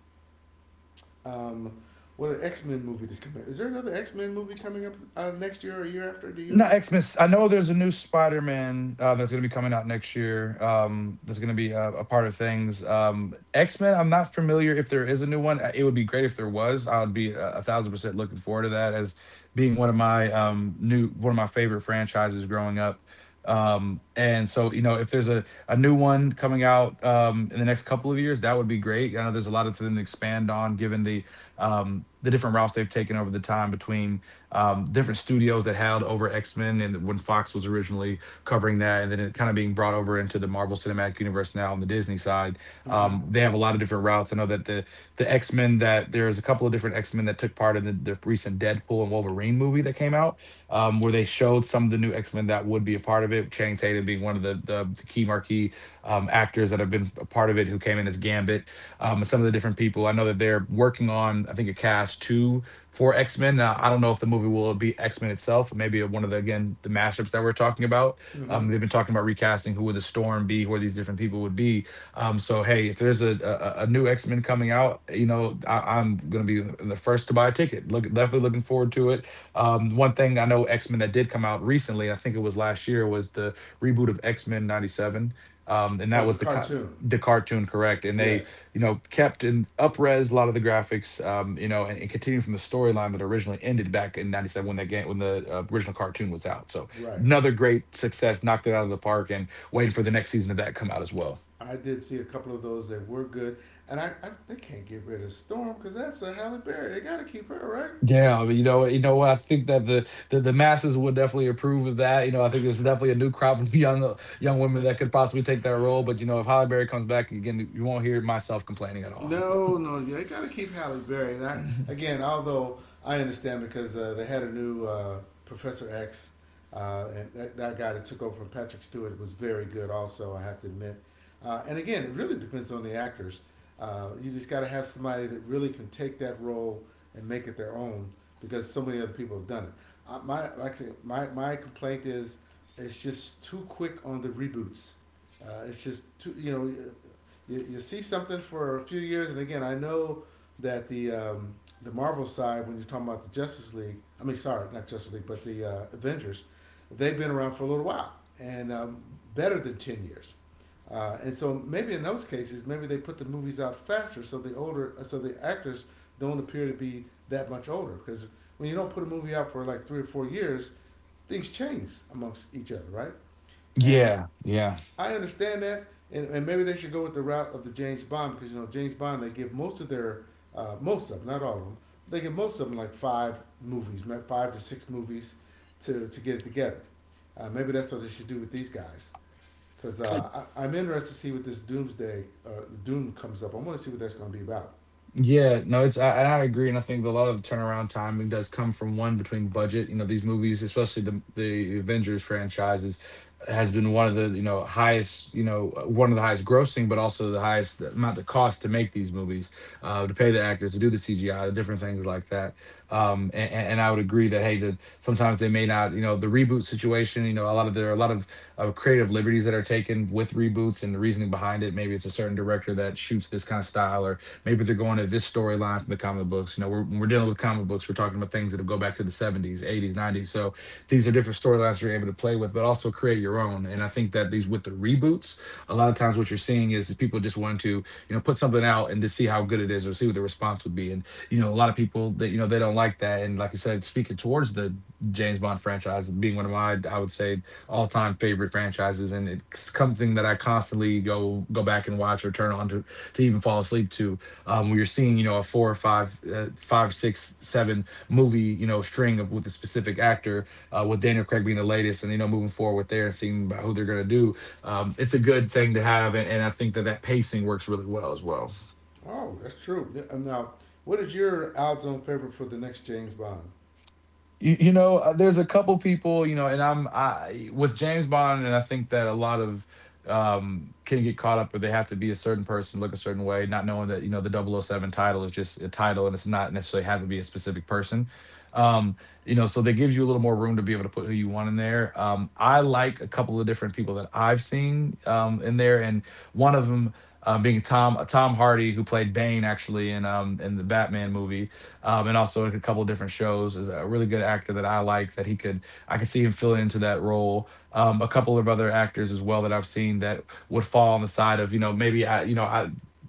S1: um what an X Men movie that's coming? Is there another X Men movie coming up next year or a year after? Do you know?
S2: Not Xmas. I know there's a new Spider-Man that's going to be coming out next year. That's going to be a part of things. X-Men. I'm not familiar if there is a new one. It would be great if there was. I would be a 1000% looking forward to that as being one of my new one of my favorite franchises growing up. And so you know, if there's a new one coming out in the next couple of years, that would be great. I know there's a lot of them to expand on, given the different routes they've taken over the time between different studios that held over X Men and when Fox was originally covering that, and then it kind of being brought over into the Marvel Cinematic Universe now on the Disney side.
S1: Mm-hmm.
S2: They have a lot of different routes. I know that the X Men that there is a couple of different X Men that took part in the recent Deadpool and Wolverine movie that came out, where they showed some of the new X Men that would be a part of it. Channing Tatum being one of the key marquee actors that have been a part of it, who came in as Gambit, and some of the different people. I know that they're working on, I think, a cast two for X Men. Now, I don't know if the movie will be X Men itself, or maybe one of the again the mashups that we're talking about.
S1: Mm-hmm.
S2: They've been talking about recasting who would the Storm be, who are these different people would be. So hey, if there's a new X Men coming out, you know I'm gonna be the first to buy a ticket. Look, definitely looking forward to it. One thing I know X Men that did come out recently, I think it was last year, was the reboot of X Men '97, and
S1: Oh,
S2: that
S1: the
S2: was
S1: cartoon.
S2: the cartoon correct, and they
S1: Yes,
S2: you know, kept in upres a lot of the graphics, you know, and continuing from the storyline that originally ended back in '97 when that game, when the original cartoon was out. So
S1: right.
S2: another great success, knocked it out of the park, and waiting for the next season of that to come out as well.
S1: I did see a couple of those that were good, and I they can't get rid of Storm because that's a Halle Berry. They got to keep her, right?
S2: Yeah, you know what? I think that the masses would definitely approve of that. You know, I think there's definitely a new crop of young women that could possibly take that role. But you know, if Holly Berry comes back again, you won't hear myself complaining at all.
S1: No, no, yeah, you got to keep Halle Berry. And again, although I understand because they had a new Professor X, and that guy that took over from Patrick Stewart was very good. Also, I have to admit. And again, it really depends on the actors. You just got to have somebody that really can take that role and make it their own because so many other people have done it. My actually, my complaint is it's just too quick on the reboots. It's just too, you see something for a few years, and again, I know that the Marvel side, when you're talking about the Justice League, I mean, sorry, not Justice League, but the Avengers, they've been around for a little while and, better than 10 years. And so maybe in those cases, maybe they put the movies out faster, so so the actors don't appear to be that much older. Because when you don't put a movie out for like 3 or 4 years, things change amongst each other, right? And
S2: Yeah, yeah.
S1: I understand that, and maybe they should go with the route of the James Bond because you know James Bond they give most of them, not all of them, they give most of them like five movies, five to six movies to get it together. Maybe that's what they should do with these guys because I am interested to see what this Doom comes up. I want to see what that's going to be about.
S2: Yeah, no, it's I, and I agree, and I think a lot of the turnaround time does come from one between budget. You know, these movies, especially the Avengers franchises, has been one of the you know highest you know one of the highest grossing, but also the highest amount of cost to make these movies, to pay the actors, to do the CGI, the different things like that. And I would agree that hey, that sometimes they may not, you know, the reboot situation. You know, a lot of there are a lot of creative liberties that are taken with reboots and the reasoning behind it. Maybe it's a certain director that shoots this kind of style, or maybe they're going to this storyline from the comic books. When we're dealing with comic books, we're talking about things that'll go back to the 70s, 80s, 90s. So these are different storylines you're able to play with, but also create your own. And I think that these with the reboots, a lot of times what you're seeing is people just wanting to, you know, put something out and to see how good it is or see what the response would be. And you know, a lot of people that you know they don't like that. And like I said, speaking towards the James Bond franchise being one of my, I would say, all time favorite franchises, and it's something that I constantly go back and watch or turn on to even fall asleep to. We are seeing you know a four or five, five, six, seven movie you know string of with a specific actor, with Daniel Craig being the latest, and you know moving forward with there and seeing about who they're gonna do. It's a good thing to have, and I think that that pacing works really well as well.
S1: Oh, that's true. Now, what is your Al's own favorite for the next James Bond?
S2: You know, there's a couple people, you know, and I'm I with James Bond, and I think that a lot of can get caught up where they have to be a certain person, look a certain way, not knowing that, you know, the double oh 007 title is just a title and it's not necessarily have to be a specific person. Um, you know, so that gives you a little more room to be able to put who you want in there. I like a couple of different people that I've seen in there, and one of them being Tom Hardy, who played Bane actually in the Batman movie and also in a couple of different shows. Is a really good actor that I like that he could I could see him filling into that role. A couple of other actors as well that I've seen that would fall on the side of you know maybe I you know I.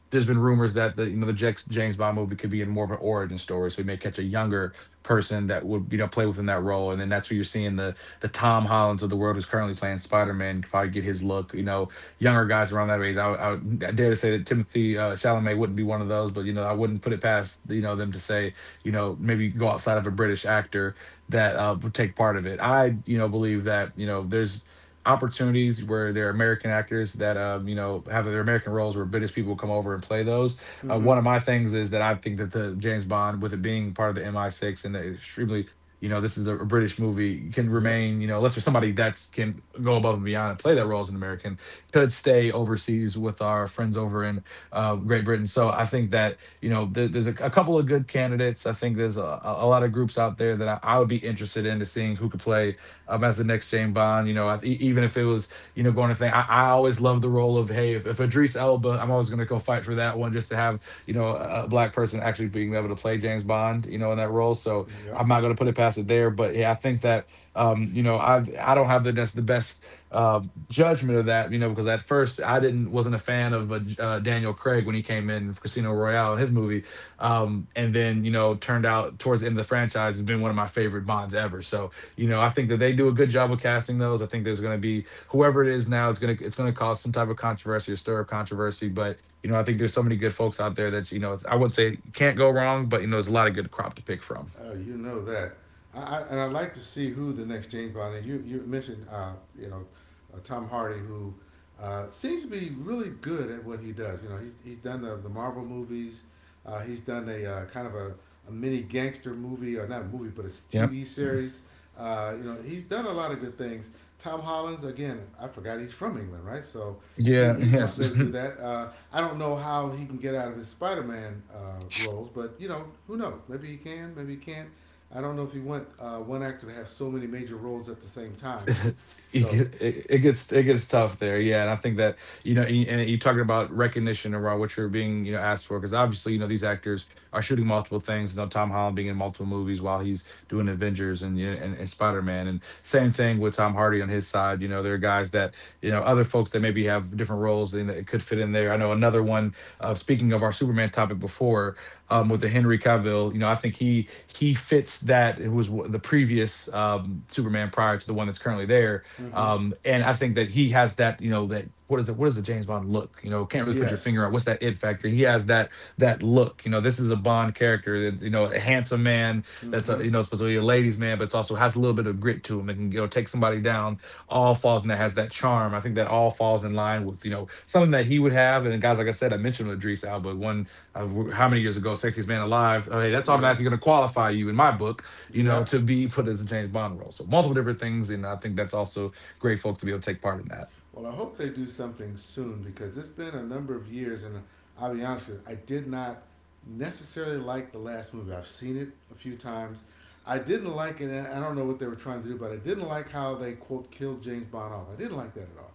S2: There's been rumors that the you know James Bond movie could be in more of an origin story, so we may catch a younger person that would you know play within that role, and then that's where you're seeing the Tom Hollands of the world who's currently playing Spider Man probably get his look. You know, younger guys around that age. I dare to say that Timothy Chalamet wouldn't be one of those, but you know, I wouldn't put it past you know them to say you know, maybe go outside of a British actor that would take part of it. I believe that, there's opportunities where there are American actors that, have their American roles where British people come over and play those. One
S1: Mm-hmm.
S2: of my things is that I think that the James Bond, with it being part of the MI6 and the extremely this is a British movie can
S1: Yep,
S2: remain, unless there's somebody that's can go above and beyond and play that role as an American, could stay overseas with our friends over in Great Britain. So I think that there's a couple of good candidates. I think there's a lot of groups out there that I would be interested in to seeing who could play as the next James Bond. Even if it was, going to think, I always love the role of, hey, if Idris Elba, I'm always going to go fight for that one just to have, a black person actually being able to play James Bond, in that role. So
S1: yep.
S2: I'm not going to put it past it there. But yeah, I think that, I don't have that's the best um, judgment of that, because at first I didn't wasn't a fan of Daniel Craig when he came in for Casino Royale in his movie, and then turned out towards the end of the franchise has been one of my favorite Bonds ever. So I think that they do a good job of casting those. I think there's going to be whoever it is now, it's gonna cause some type of controversy or stir up controversy. But I think there's so many good folks out there that it's, I wouldn't say can't go wrong, but there's a lot of good crop to pick from.
S1: Oh, you know that. I and I'd like to see who the next James Bond. And you mentioned you know Tom Hardy who seems to be really good at what he does. You know, he's done the Marvel movies. He's done a kind of a mini gangster movie, or not a movie, but a
S2: Yep.
S1: TV series. He's done a lot of good things. Tom Hollands, again, I forgot he's from England, right? So
S2: Yeah.
S1: he might be
S2: Yes.
S1: able to do that. I don't know how he can get out of his Spider Man roles, but you know who knows? Maybe he can, maybe he can't. I don't know if you want one actor to have so many major roles at the same time. So,
S2: It gets it gets tough there, yeah. And I think that and you talking about recognition around what you're being, asked for, because obviously these actors are shooting multiple things, Tom Holland being in multiple movies while he's doing Avengers and and Spider-Man, and same thing with Tom Hardy on his side. You know, there are guys that other folks that maybe have different roles and that could fit in there. I know another one, speaking of our Superman topic before,
S1: mm-hmm,
S2: with the Henry Cavill, I think he fits that. It was the previous Superman prior to the one that's currently there.
S1: mm-hmm,
S2: And I think that he has that, that, what is it? What is the James Bond look? You know, can't really put your finger
S1: yes,
S2: on what's that it factor. He has that that look. You know, this is a Bond character that, a handsome man that's
S1: mm-hmm,
S2: a, supposed to be a ladies' man, but it's also has a little bit of grit to him that can, take somebody down. All falls, and that has that charm. I think that all falls in line with something that he would have. And guys, like I said, I mentioned with Idris Alba, one uh, how many years ago, Sexiest Man Alive. Oh, hey, that's
S1: yep,
S2: automatically going to qualify you in my book,
S1: yep.
S2: to be put as a James Bond role. So multiple different things, and I think that's also great, folks, to be able to take part in that.
S1: Well, I hope they do something soon because it's been a number of years, and I'll be honest with you, I did not necessarily like the last movie. I've seen it a few times. I didn't like it. I don't know what they were trying to do, but I didn't like how they quote killed James Bond off. I didn't like that at all.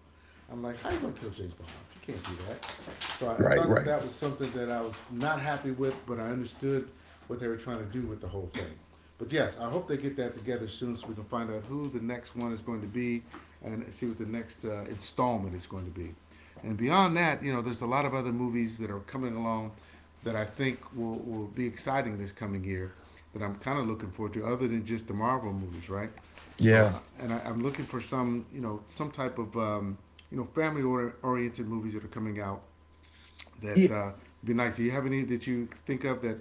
S1: I'm like, how are you gonna kill James Bond off? You can't do that. So I
S2: Right,
S1: thought that
S2: right.
S1: that was something that I was not happy with, but I understood what they were trying to do with the whole thing. But yes, I hope they get that together soon so we can find out who the next one is going to be and see what the next installment is going to be. And beyond that, you know, there's a lot of other movies that are coming along that I think will be exciting this coming year that I'm kind of looking forward to, other than just the Marvel movies, right? So,
S2: Yeah.
S1: and I'm looking for some, type of, family oriented movies that are coming out that
S2: Y-
S1: be nice. Do you have any that you think of that?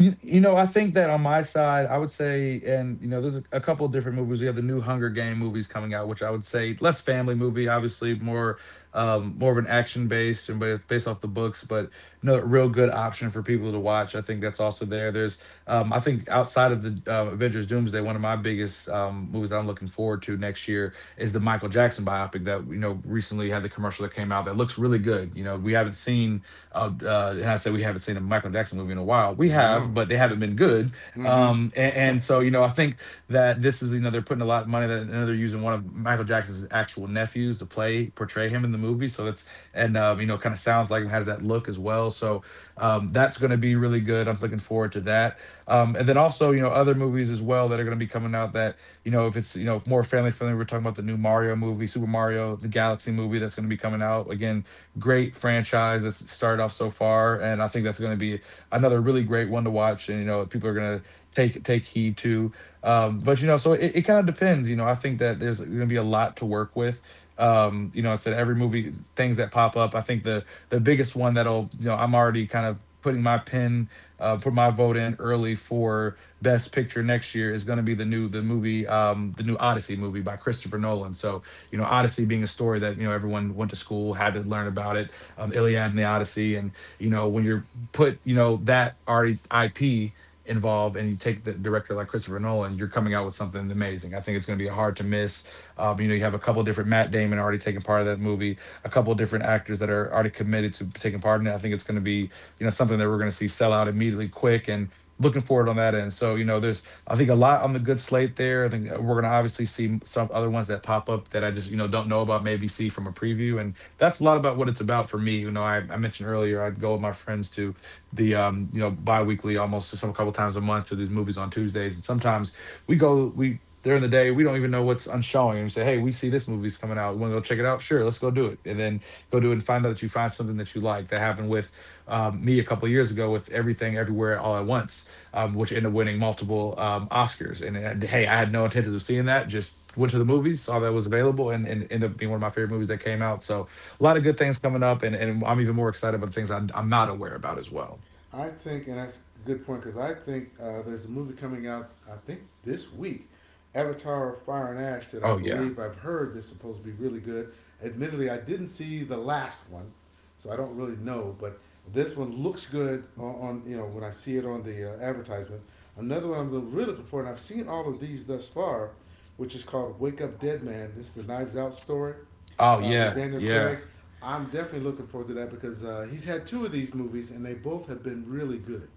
S2: you know, I think that on my side, I would say, and there's a couple of different movies. We have the new Hunger Game movies coming out, which I would say less family movie, obviously more more of an action based, and but based off the books, but no real good option for people to watch. I think that's also there. There's I think outside of the Avengers Doomsday, one of my biggest movies that I'm looking forward to next year is the Michael Jackson biopic that, recently had the commercial that came out that looks really good. You know, we haven't seen and I say we haven't seen a Michael Jackson movie in a while. We have,
S1: No.
S2: but they haven't been good.
S1: Mm-hmm.
S2: And so you know, I think that this is, they're putting a lot of money that, and they're using one of Michael Jackson's actual nephews to play portray him in the movie. So that's and you know kind of sounds like him, has that look as well. So that's going to be really good. I'm looking forward to that. And then also you know other movies as well that are going to be coming out, that if it's more family friendly. We're talking about the new Mario movie, Super Mario the Galaxy movie, that's going to be coming out again. Great franchise that's started off so far, and I think that's going to be another really great one to watch. And you know people are going to take heed to. But you know, so it kind of depends. You know, I think that there's going to be a lot to work with. You know, I said every movie things that pop up. I think the biggest one that'll, I'm already kind of putting my pin, put my vote in early for best picture next year is going to be the new the movie the new Odyssey movie by Christopher Nolan. So you know Odyssey being a story that, everyone went to school had to learn about it, Iliad and the Odyssey, and when you're put that already IP involved, and you take the director like Christopher Nolan, you're coming out with something amazing. I think it's going to be hard to miss. You know, you have a couple of different, Matt Damon already taking part of that movie, a couple of different actors that are already committed to taking part in it. I think it's going to be, something that we're going to see sell out immediately, quick, and looking forward on that end. So you know, there's I think a lot on the good slate there. I think we're going to obviously see some other ones that pop up that I just don't know about, maybe see from a preview, and that's a lot about what it's about for me. You know, I mentioned earlier I'd go with my friends to the you know biweekly almost, some, a couple times a month, to these movies on Tuesdays, and sometimes we during the day, we don't even know what's on showing. And we say, hey, we see this movie's coming out. You want to go check it out? Sure, let's go do it. And then go do it and find out that you find something that you like. That happened with me a couple of years ago with Everything Everywhere All at Once, which ended up winning multiple Oscars. And hey, I had no intentions of seeing that. Just went to the movies, saw that was available, and ended up being one of my favorite movies that came out. So a lot of good things coming up, and I'm even more excited about the things I'm not aware about as well.
S1: I think, and that's a good point because I think there's a movie coming out. I think this week, Avatar: Fire and Ash, that I
S2: Oh yeah.
S1: believe I've heard is supposed to be really good. Admittedly, I didn't see the last one, so I don't really know. But this one looks good on you know when I see it on the advertisement. Another one I'm really looking for, and I've seen all of these thus far, which is called Wake Up Dead Man. This is the Knives Out story,
S2: Oh
S1: with
S2: yeah,
S1: Daniel
S2: yeah.
S1: Craig. I'm definitely looking forward to that because he's had two of these movies and they both have been really good,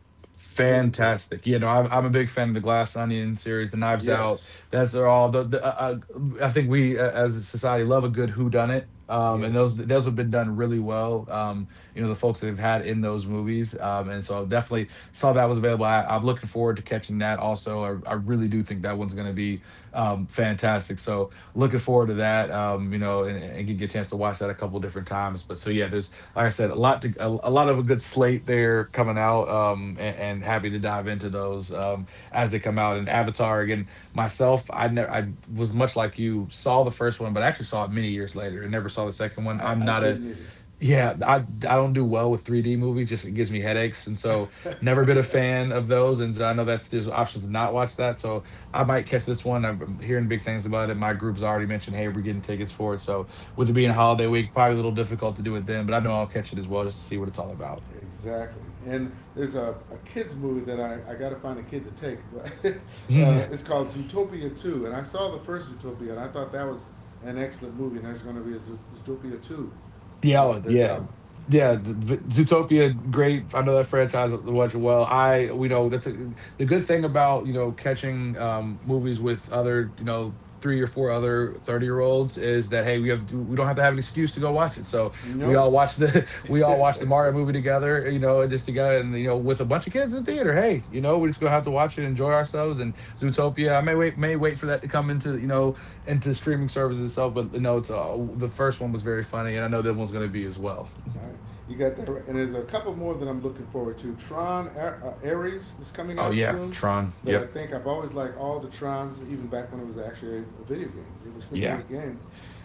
S1: really good.
S2: Fantastic. You know, I'm a big fan of the Glass Onion series, the Knives Out.
S1: Yes,
S2: That's are all the I think we as a society love a good whodunit. And
S1: yes,
S2: those have been done really well. You know, the folks that they've had in those movies. And so I definitely saw that was available. I'm looking forward to catching that also. I really do think that one's going to be fantastic. So looking forward to that. You know, and can get a chance to watch that a couple different times. But so yeah, there's like I said, a lot to a lot of a good slate there coming out. And happy to dive into those as they come out. And Avatar again, myself, I never I was much like you, saw the first one, but I actually saw it many years later and never saw the second one.
S1: I,
S2: I'm
S1: I
S2: not a
S1: didn't either.
S2: yeah, I don't do well with 3D movies. Just it gives me headaches, and so never been a fan of those. And so I know that's there's options to not watch that. So I might catch this one. I'm hearing big things about it. My group's already mentioned, hey, we're getting tickets for it. So with it being holiday week, probably a little difficult to do it then, but I know I'll catch it as well just to see what it's all about.
S1: Exactly. And there's a kids movie that I got to find a kid to take. It's called Zootopia 2. And I saw the first Zootopia and I thought that was an excellent movie. And there's going to be a Zootopia 2,
S2: Yeah, oh,
S1: that's
S2: yeah,
S1: out.
S2: yeah.
S1: And I,
S2: The Zootopia, great. I know that franchise watch well. I, we know that's a, the good thing about catching movies with other three or four other 30-year olds is that hey we don't have to have an excuse to go watch it. So we
S1: nope.
S2: all watch the we all watch the Mario movie together, and just together and with a bunch of kids in the theater. Hey, we're just gonna have to watch it, enjoy ourselves, and Zootopia. I may wait for that to come into into streaming services itself, but no, it's the first one was very funny, and I know that one's gonna be as well.
S1: Alright. You got that, right. And there's a couple more that I'm looking forward to. Tron Ares is coming
S2: Oh
S1: out
S2: yeah,
S1: soon.
S2: Tron.
S1: That I
S2: Yep.
S1: think I've always liked all the Trons, even back when it was actually a video game. It was a
S2: Yeah.
S1: great game.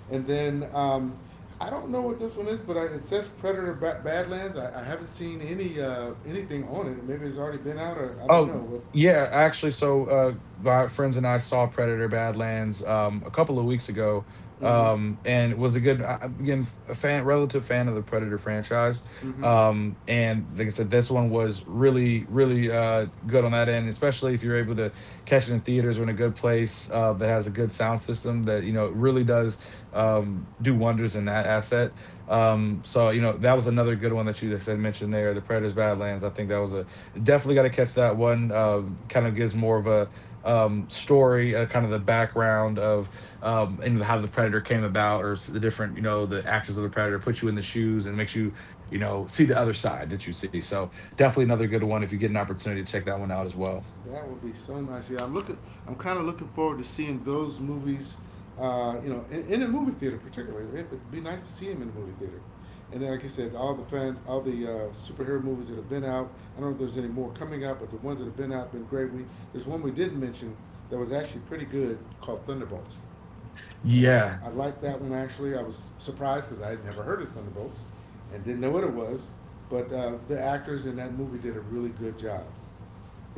S1: And then, I don't know what this one is, but it says Predator Badlands. I haven't seen anything on it. Maybe it's already been out, or I don't
S2: Oh,
S1: know.
S2: yeah, actually, so my friends and I saw Predator Badlands a couple of weeks ago.
S1: But mm-hmm,
S2: And it was I'm again a fan relative fan of the Predator franchise.
S1: mm-hmm.
S2: And like I said this one was really good on that end, especially if you're able to catch it in theaters or in a good place that has a good sound system that it really does do wonders in that asset. So that was another good one that you just had mentioned there, the Predators Badlands. I think that was a definitely got to catch that one. Kind of gives more of a story, kind of the background of and how the Predator came about, or the different, the actions of the Predator puts you in the shoes and makes you, see the other side that you see. So definitely another good one if you get an opportunity to check that one out as well.
S1: That would be so nice. Yeah, I'm looking. I'm kind of looking forward to seeing those movies. In a movie theater, particularly, it'd be nice to see him in a movie theater. And then, like I said, all the superhero movies that have been out. I don't know if there's any more coming out, but the ones that have been out have been great. We There's one we didn't mention that was actually pretty good called Thunderbolts, and I
S2: Yeah,
S1: I liked that one actually. I was surprised because I had never heard of Thunderbolts, and didn't know what it was, but the actors in that movie did a really good job.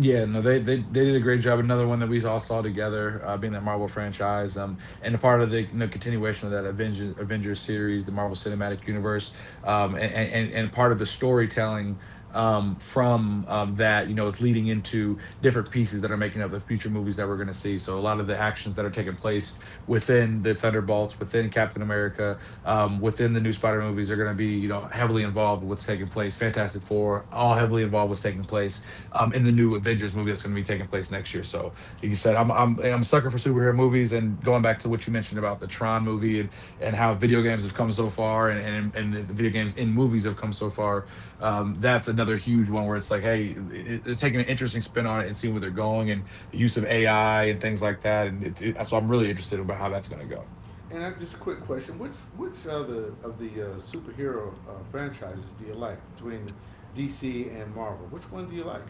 S2: Yeah, no, they did a great job. Another one that we all saw together, being that Marvel franchise, and a part of the continuation of that Avengers series, the Marvel Cinematic Universe, and part of the storytelling from that is leading into different pieces that are making up the future movies that we're going to see. So a lot of the actions that are taking place within the thunderbolts, within captain america, within the new spider movies are going to be heavily involved with what's taking place, fantastic four, all heavily involved with what's taking place in the new Avengers movie that's going to be taking place next year. So, like you said, I'm a sucker for superhero movies, and going back to what you mentioned about the Tron movie, and how video games have come so far, and the video games in movies have come so far. That's another huge one where it's like, hey, taking an interesting spin on it and seeing where they're going, and the use of AI and things like that. So, I'm really interested about how that's going to go.
S1: And I just a quick question: Which other of the superhero franchises do you like between DC and Marvel? Which one do you like?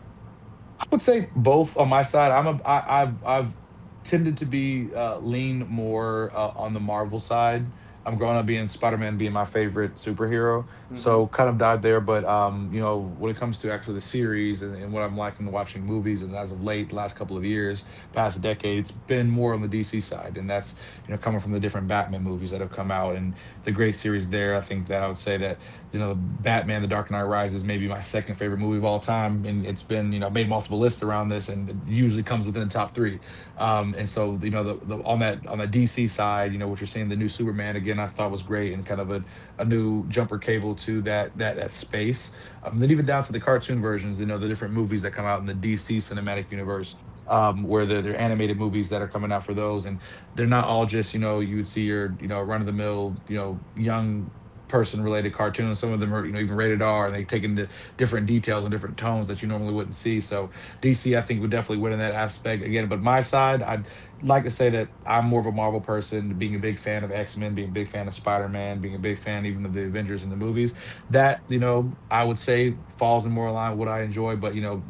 S2: I would say both on my side. I'm a I, I've tended to be lean more on the Marvel side. I'm growing up being Spider-Man being my favorite superhero,
S1: Mm-hmm.
S2: so kind of died there. But when it comes to actually the series, and what I'm liking watching movies, and as of late, the last couple of years, past decade, it's been more on the DC side, and that's coming from the different Batman movies that have come out and the great series there. I think that I would say that Batman, The Dark Knight Rises, maybe my second favorite movie of all time, and it's been made multiple lists around this, and it usually comes within the top three. And so the on that on the DC side, what you're seeing the new Superman again, I thought was great, and kind of a new jumper cable to that space. Then even down to the cartoon versions, the different movies that come out in the DC cinematic universe. Where they're animated movies that are coming out for those, and they're not all just you would see your run of the mill young person related cartoons. Some of them are, even rated R and they take into different details and different tones that you normally wouldn't see. So DC, I think, would definitely win in that aspect again. But my side, I'd like to say that I'm more of a Marvel person, being a big fan of X Men, being a big fan of Spider Man, being a big fan even of the Avengers in the movies. That, I would say falls in more line with what I enjoy. But,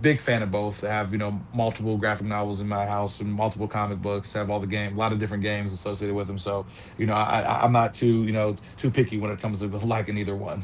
S2: big fan of both. I have, multiple graphic novels in my house and multiple comic books. I have a lot of different games associated with them. So, I'm not too too picky when it comes to liking either one.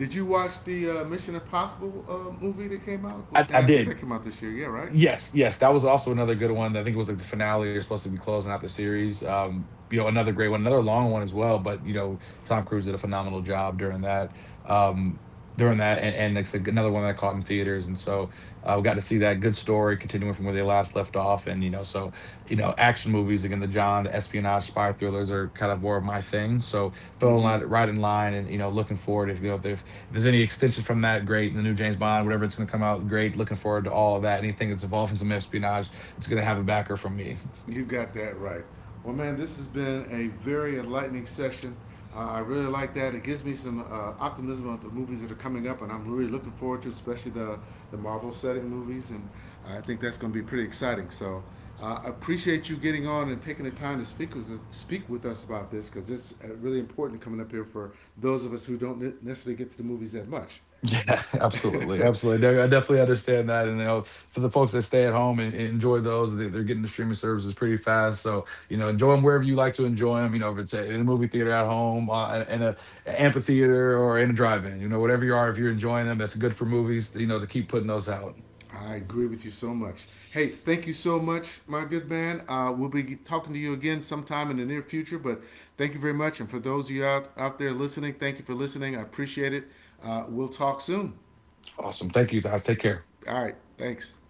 S1: Did you watch the Mission Impossible movie that came out?
S2: I
S1: And I think
S2: did.
S1: that came out this year. Yeah, right.
S2: Yes, yes, that was also another good one. I think it was like the finale, or supposed to be closing out the series. Another great one, another long one as well. But Tom Cruise did a phenomenal job during that. Um, during that, and It's like I said, another one that I caught in theaters, and so we got to see that good story continuing from where they last left off. And so action movies again, the espionage, spy thrillers are kind of more of my thing. So fell in
S1: Mm-hmm.
S2: line, right in line, and looking forward if you know if there's any extension from that, great. And the new James Bond, whatever it's going to come out, great. Looking forward to all of that. Anything that's involved in some espionage, it's going to have a backer from me.
S1: You got that right. Well, man, this has been a very enlightening session. I really like that. It gives me some, optimism about the movies that are coming up, and I'm really looking forward to, especially the Marvel setting movies, and I think that's going to be pretty exciting. So, I appreciate you getting on and taking the time to speak with us about this because it's really important coming up here for those of us who don't necessarily get to the movies that much.
S2: Yeah, absolutely, absolutely. I definitely understand that. And for the folks that stay at home and enjoy those, are getting the streaming services pretty fast. So enjoy them wherever you like to enjoy them. If it's in a movie theater at home, in a an amphitheater, or in a drive-in, whatever you are, if you're enjoying them, that's good for movies. To keep putting those out.
S1: I agree with you so much. Hey, thank you so much, my good man. We'll be talking to you again sometime in the near future, but thank you very much. And for those of you out there listening, thank you for listening. I appreciate it. We'll talk soon.
S2: Awesome. Thank you guys. Take care.
S1: All right. Thanks.